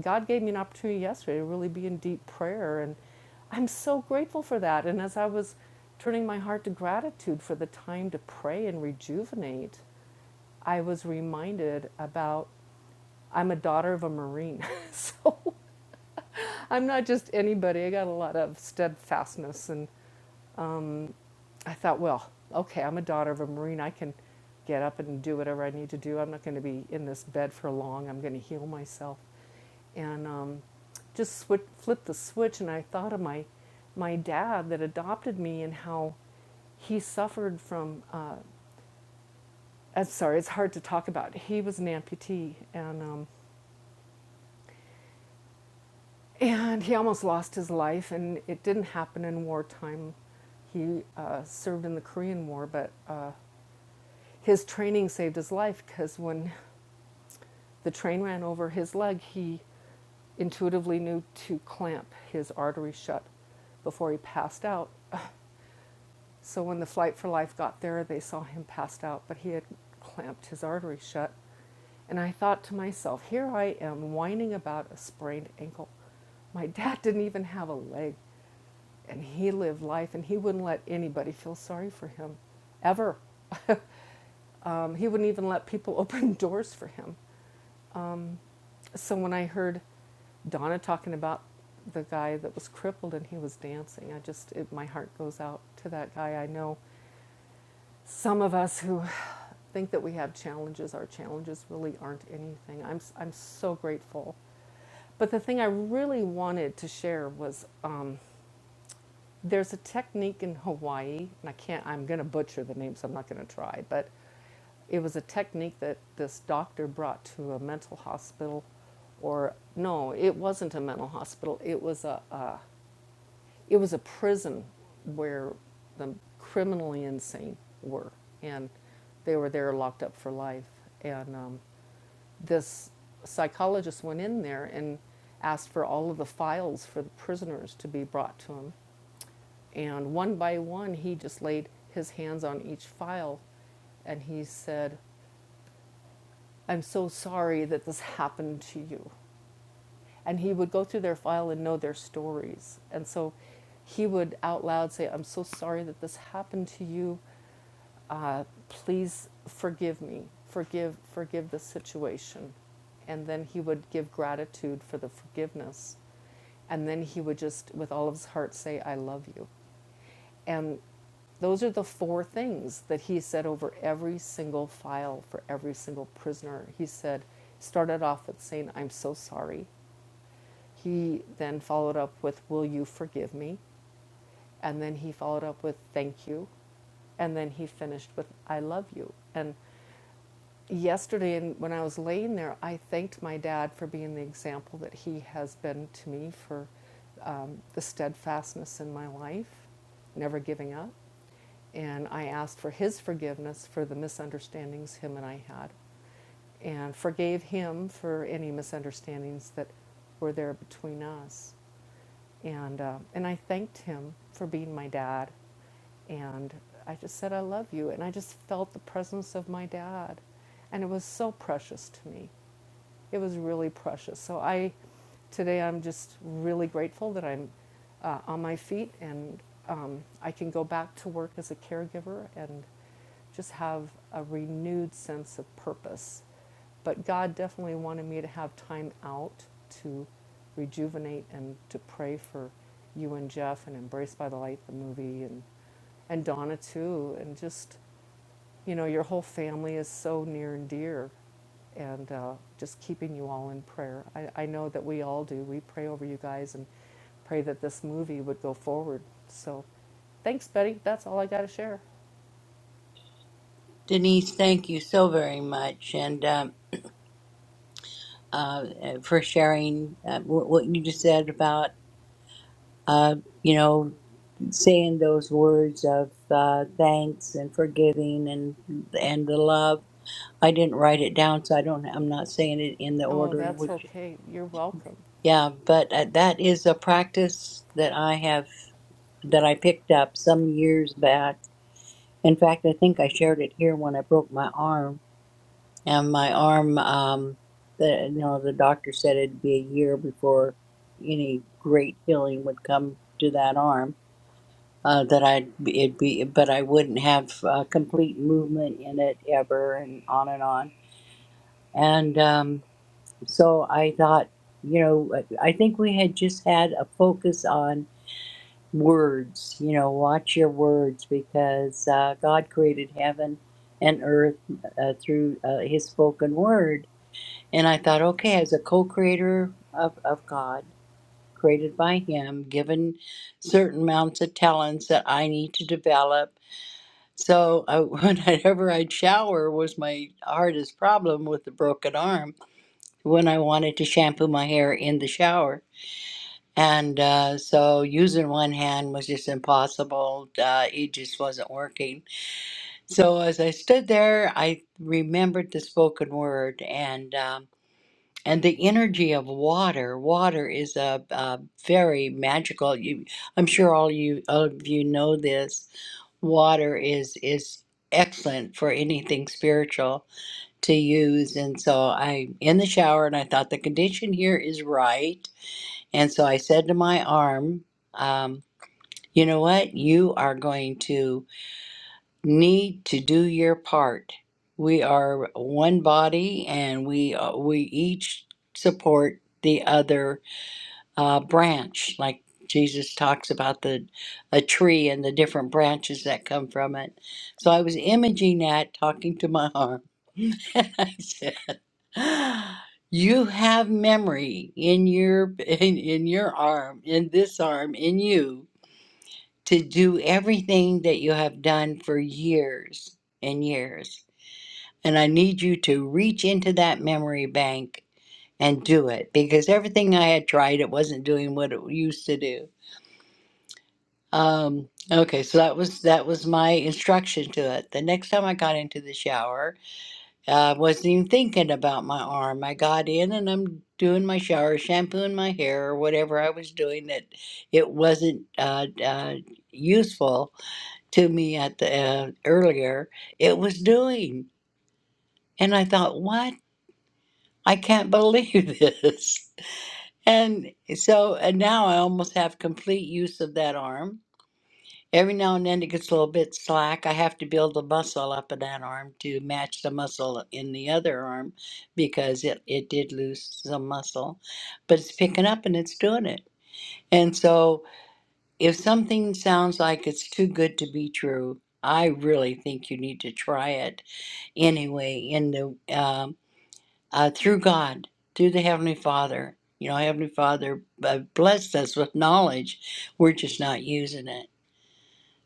God gave me an opportunity yesterday to really be in deep prayer. And I'm so grateful for that. And as I was turning my heart to gratitude for the time to pray and rejuvenate, I was reminded about I'm a daughter of a Marine. [LAUGHS] so I'm not just anybody. I got a lot of steadfastness. And I thought, well, okay, I'm a daughter of a Marine. I can get up and do whatever I need to do. I'm not going to be in this bed for long. I'm going to heal myself. And um, just swi flipped the switch, and I thought of my, my dad that adopted me and how he suffered from. Uh, I'm sorry, it's hard to talk about. He was an amputee, and um, and he almost lost his life, and it didn't happen in wartime. He uh, served in the Korean War, but uh, His training saved his life because when the train ran over his leg, he intuitively knew to clamp his artery shut before he passed out. [SIGHS] So when the Flight for Life got there, they saw him passed out, but he had clamped his artery shut. And I thought to myself, here I am whining about a sprained ankle. My [LAUGHS] dad didn't even have a leg, and he lived life, and he wouldn't let anybody feel sorry for him, ever. [LAUGHS] Um, he wouldn't even let people [LAUGHS] open doors for him. So when I heard Donna talking about the guy that was crippled and he was dancing, I just, it, my heart goes out to that guy. I know some of us who think that we have challenges, our challenges really aren't anything. I'm, i I'm so grateful. But the thing I really wanted to share was um, there's a technique in Hawaii, and I can't, I'm going to butcher the name, so I'm not going to try, but it was a technique that this doctor brought to a mental hospital, or no, it wasn't a mental hospital, it was a, uh, it was a prison where the criminally insane were, and they were there locked up for life. And um, this psychologist went in there and asked for all of the files for the prisoners to be brought to him and one by one, he just laid his hands on each file and he said, I'm so sorry that this [LAUGHS] happened to you. And he would go through their file and know their stories. And so he would out loud say, I'm so sorry that this happened to you. Uh, please forgive me. Forgive, forgive the situation. And then he would give gratitude for the forgiveness. And then he would just, with all of his heart, say, I love you. And those are the four things that he said over every single file for every single prisoner. He said, started off with saying, I'm so sorry. He then followed up with, Will you forgive me? And then he followed up with, Thank you. And then he finished with, I love you. And Yesterday, when I was laying there, I thanked my dad for being the example that he has been to me for um, the steadfastness in my life, never giving up. And I asked for his forgiveness for the misunderstandings him and I had, and forgave him for any misunderstandings that were there between us. And, uh, and I thanked him for being my dad. And I just said, I love you. And I just felt the presence of my dad. And it was so precious to me it was really precious. So I, today I'm just really grateful that I'm uh, on my feet and um, I can go back to work as a caregiver and just have a renewed sense of purpose. But God definitely wanted me to have time out to rejuvenate and to pray for you and Jeff and Embraced by the Light, the movie, and and Donna too, and just you know, your whole family is so near and dear, and uh, just keeping you all in prayer. I, I know that we all do. We pray over you guys and pray that this movie would go forward. So, thanks, Betty. That's all I got to share. Denise. Thank you so very much, and um, uh, for sharing uh, what, what you just said about uh, you know saying those words of uh, thanks and forgiving and and the love. I didn't write it down, so I don't. I'm not saying it in the Oh, order in that's which. okay. You're welcome. Yeah, but uh, that is a practice that I have that I picked up some years back In fact, I think I shared it here when I broke my arm, and my arm, um, the you know, the doctor said it'd be a year before any great healing would come to that arm. Uh, that I'd be- it'd be, but I wouldn't have uh, complete movement in it ever, and on and on. And um, so I thought, you know, I I think we had just had a focus on words. You know, watch your words because uh, God created heaven and earth uh, through uh, His spoken word. And I thought, okay, as a co-creator of, of God, created by Him, given certain amounts of talents that I need to develop. So I, [LAUGHS] whenever I'd shower was my hardest problem with the broken arm when I wanted to shampoo my hair in the shower and uh, so using one hand was just impossible. Uh, it just wasn't working. So as I stood there, I remembered the spoken word and um, and the energy of water. Water is a, a very magical. You, I'm sure all you all of you know this. Water is is excellent for anything spiritual to use. And so I'm in the shower, and I thought the condition here is right and so I said to my arm, um, you know what? You are going to need to do your part. We are one body and we, uh, we each support the other uh, branch. Like Jesus talks about the a tree and the different branches that come from it. So I was imaging that, talking to my arm. [LAUGHS] [GASPS] You have memory in your in, in your arm, in this arm, in you to do everything that you have done for years and years. And I need you to reach into that memory bank and do it because everything I had tried it wasn't doing what it used to do. Um okay, so that was that was my instruction to it. The next time I got into the shower, I wasn't even thinking about my arm. I got in and I'm doing my shower, shampooing my hair, or whatever I was doing that it wasn't uh, uh, useful to me at the uh, earlier. It was doing, and I thought, what? I can't believe [LAUGHS] this. And so and now I almost have complete use of that arm Every now and then it gets a little bit slack. I have to build the muscle up in that arm to match the muscle in the other arm because it, it did lose some muscle. But it's picking up and it's doing it. And so if something sounds like it's too good to be true, I really think you need to try it anyway in the um, uh, through God, through the Heavenly Father. You know, Heavenly Father uh, blessed us with knowledge. We're just not using it.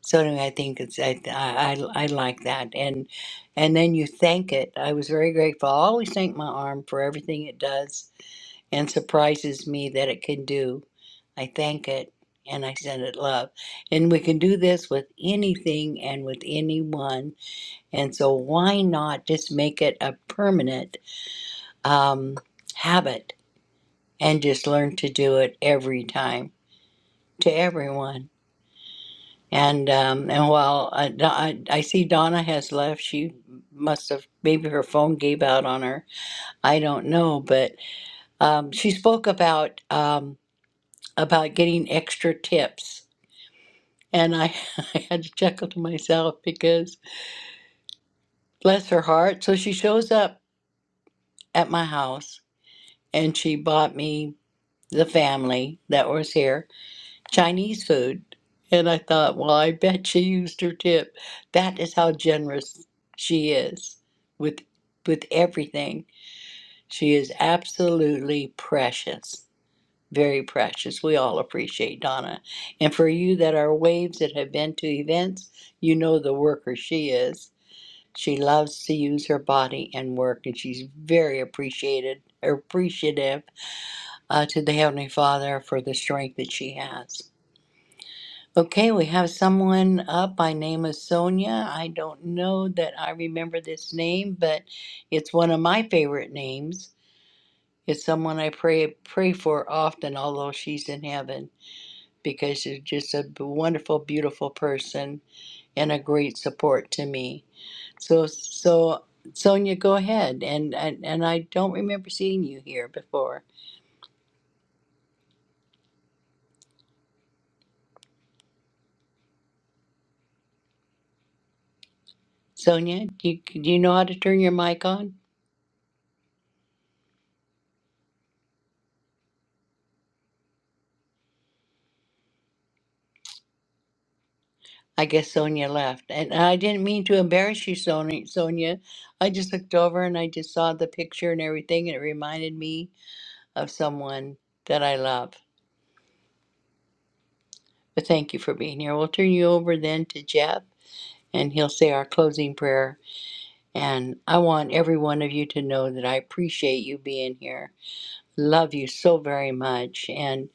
So anyway, I think it's I, I I I like that, and and then you thank it. I was very grateful. I always thank my arm for everything it does and surprises me that it can do. I thank it and I send it love, and we can do this with anything and with anyone. And so why not just make it a permanent um, habit and just learn to do it every time to everyone. And um, and while I, I, I see Donna has left, she must have maybe her phone gave out on her. I don't know, but um, she spoke about um, about getting extra tips, and I, [LAUGHS] I had to chuckle to myself because bless her heart. So she shows up at my house, and she bought me the family that was here Chinese food. And I thought, well, I bet she used her tip. That is how generous she is with with everything. She is absolutely precious. Very precious. We all appreciate Donna. And for you that are waves that have been to events, you know the worker she is. She loves to use her body and work, and she's very appreciated, appreciative uh, to the Heavenly Father for the strength that she has. Okay, we have someone up by name of Sonia. I don't know that I remember this name, but it's one of my favorite names. It's someone I pray pray for often, although she's in heaven, because she's just a b- wonderful, beautiful person and a great support to me. So, so Sonia, go ahead. And and, and I don't remember seeing you here before. Sonia, do you, do you know how to turn your mic on? I guess Sonia left. And I didn't mean to embarrass you, Sonia. Sonia. I just looked over and I just saw the picture and everything, and it reminded me of someone that I love. But thank you for being here. We'll turn you over then to Jeff, and he'll say our closing prayer. And I want every one of you to know that I appreciate you being here. Love you so very much. And,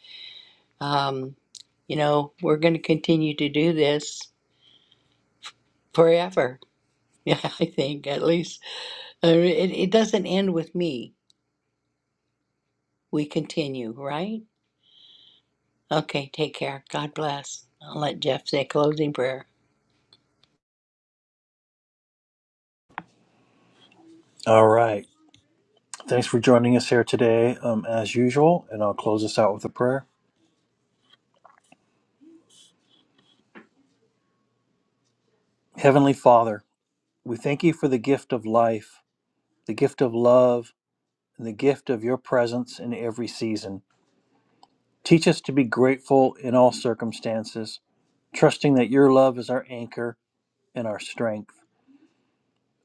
um, you know, we're going to continue to do this forever. [LAUGHS] Yeah, I think at least. Uh, It, it doesn't end with me. We continue, right? Okay, take care. God bless. I'll let Jeff say a closing prayer. All right. Thanks for joining us here today, um, as usual. And I'll close us out with a prayer. Heavenly Father, we thank you for the gift of life, the gift of love, and the gift of your presence in every season. Teach us to be grateful in all circumstances, trusting that your love is our anchor and our strength.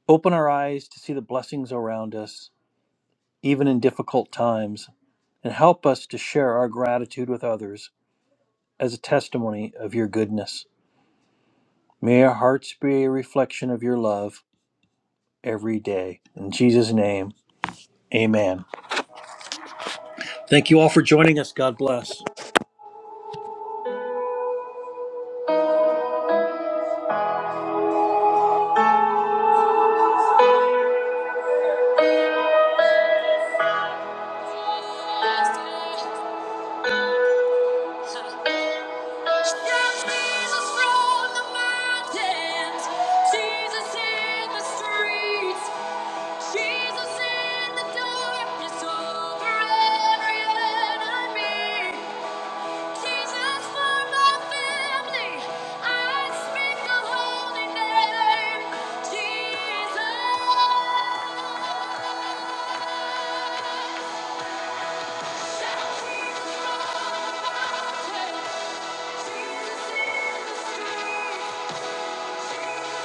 Open our eyes to see the blessings around us, even in difficult times, and help us to share our gratitude with others as a testimony of your goodness. May our hearts be a reflection of your love every day. In Jesus' name, amen. Thank you all for joining us. God bless. Jesus from the mountains, Jesus in the streets, Jesus in the darkness over every enemy, Jesus for my family. I speak the holy name, Jesus. Jesus in the streets.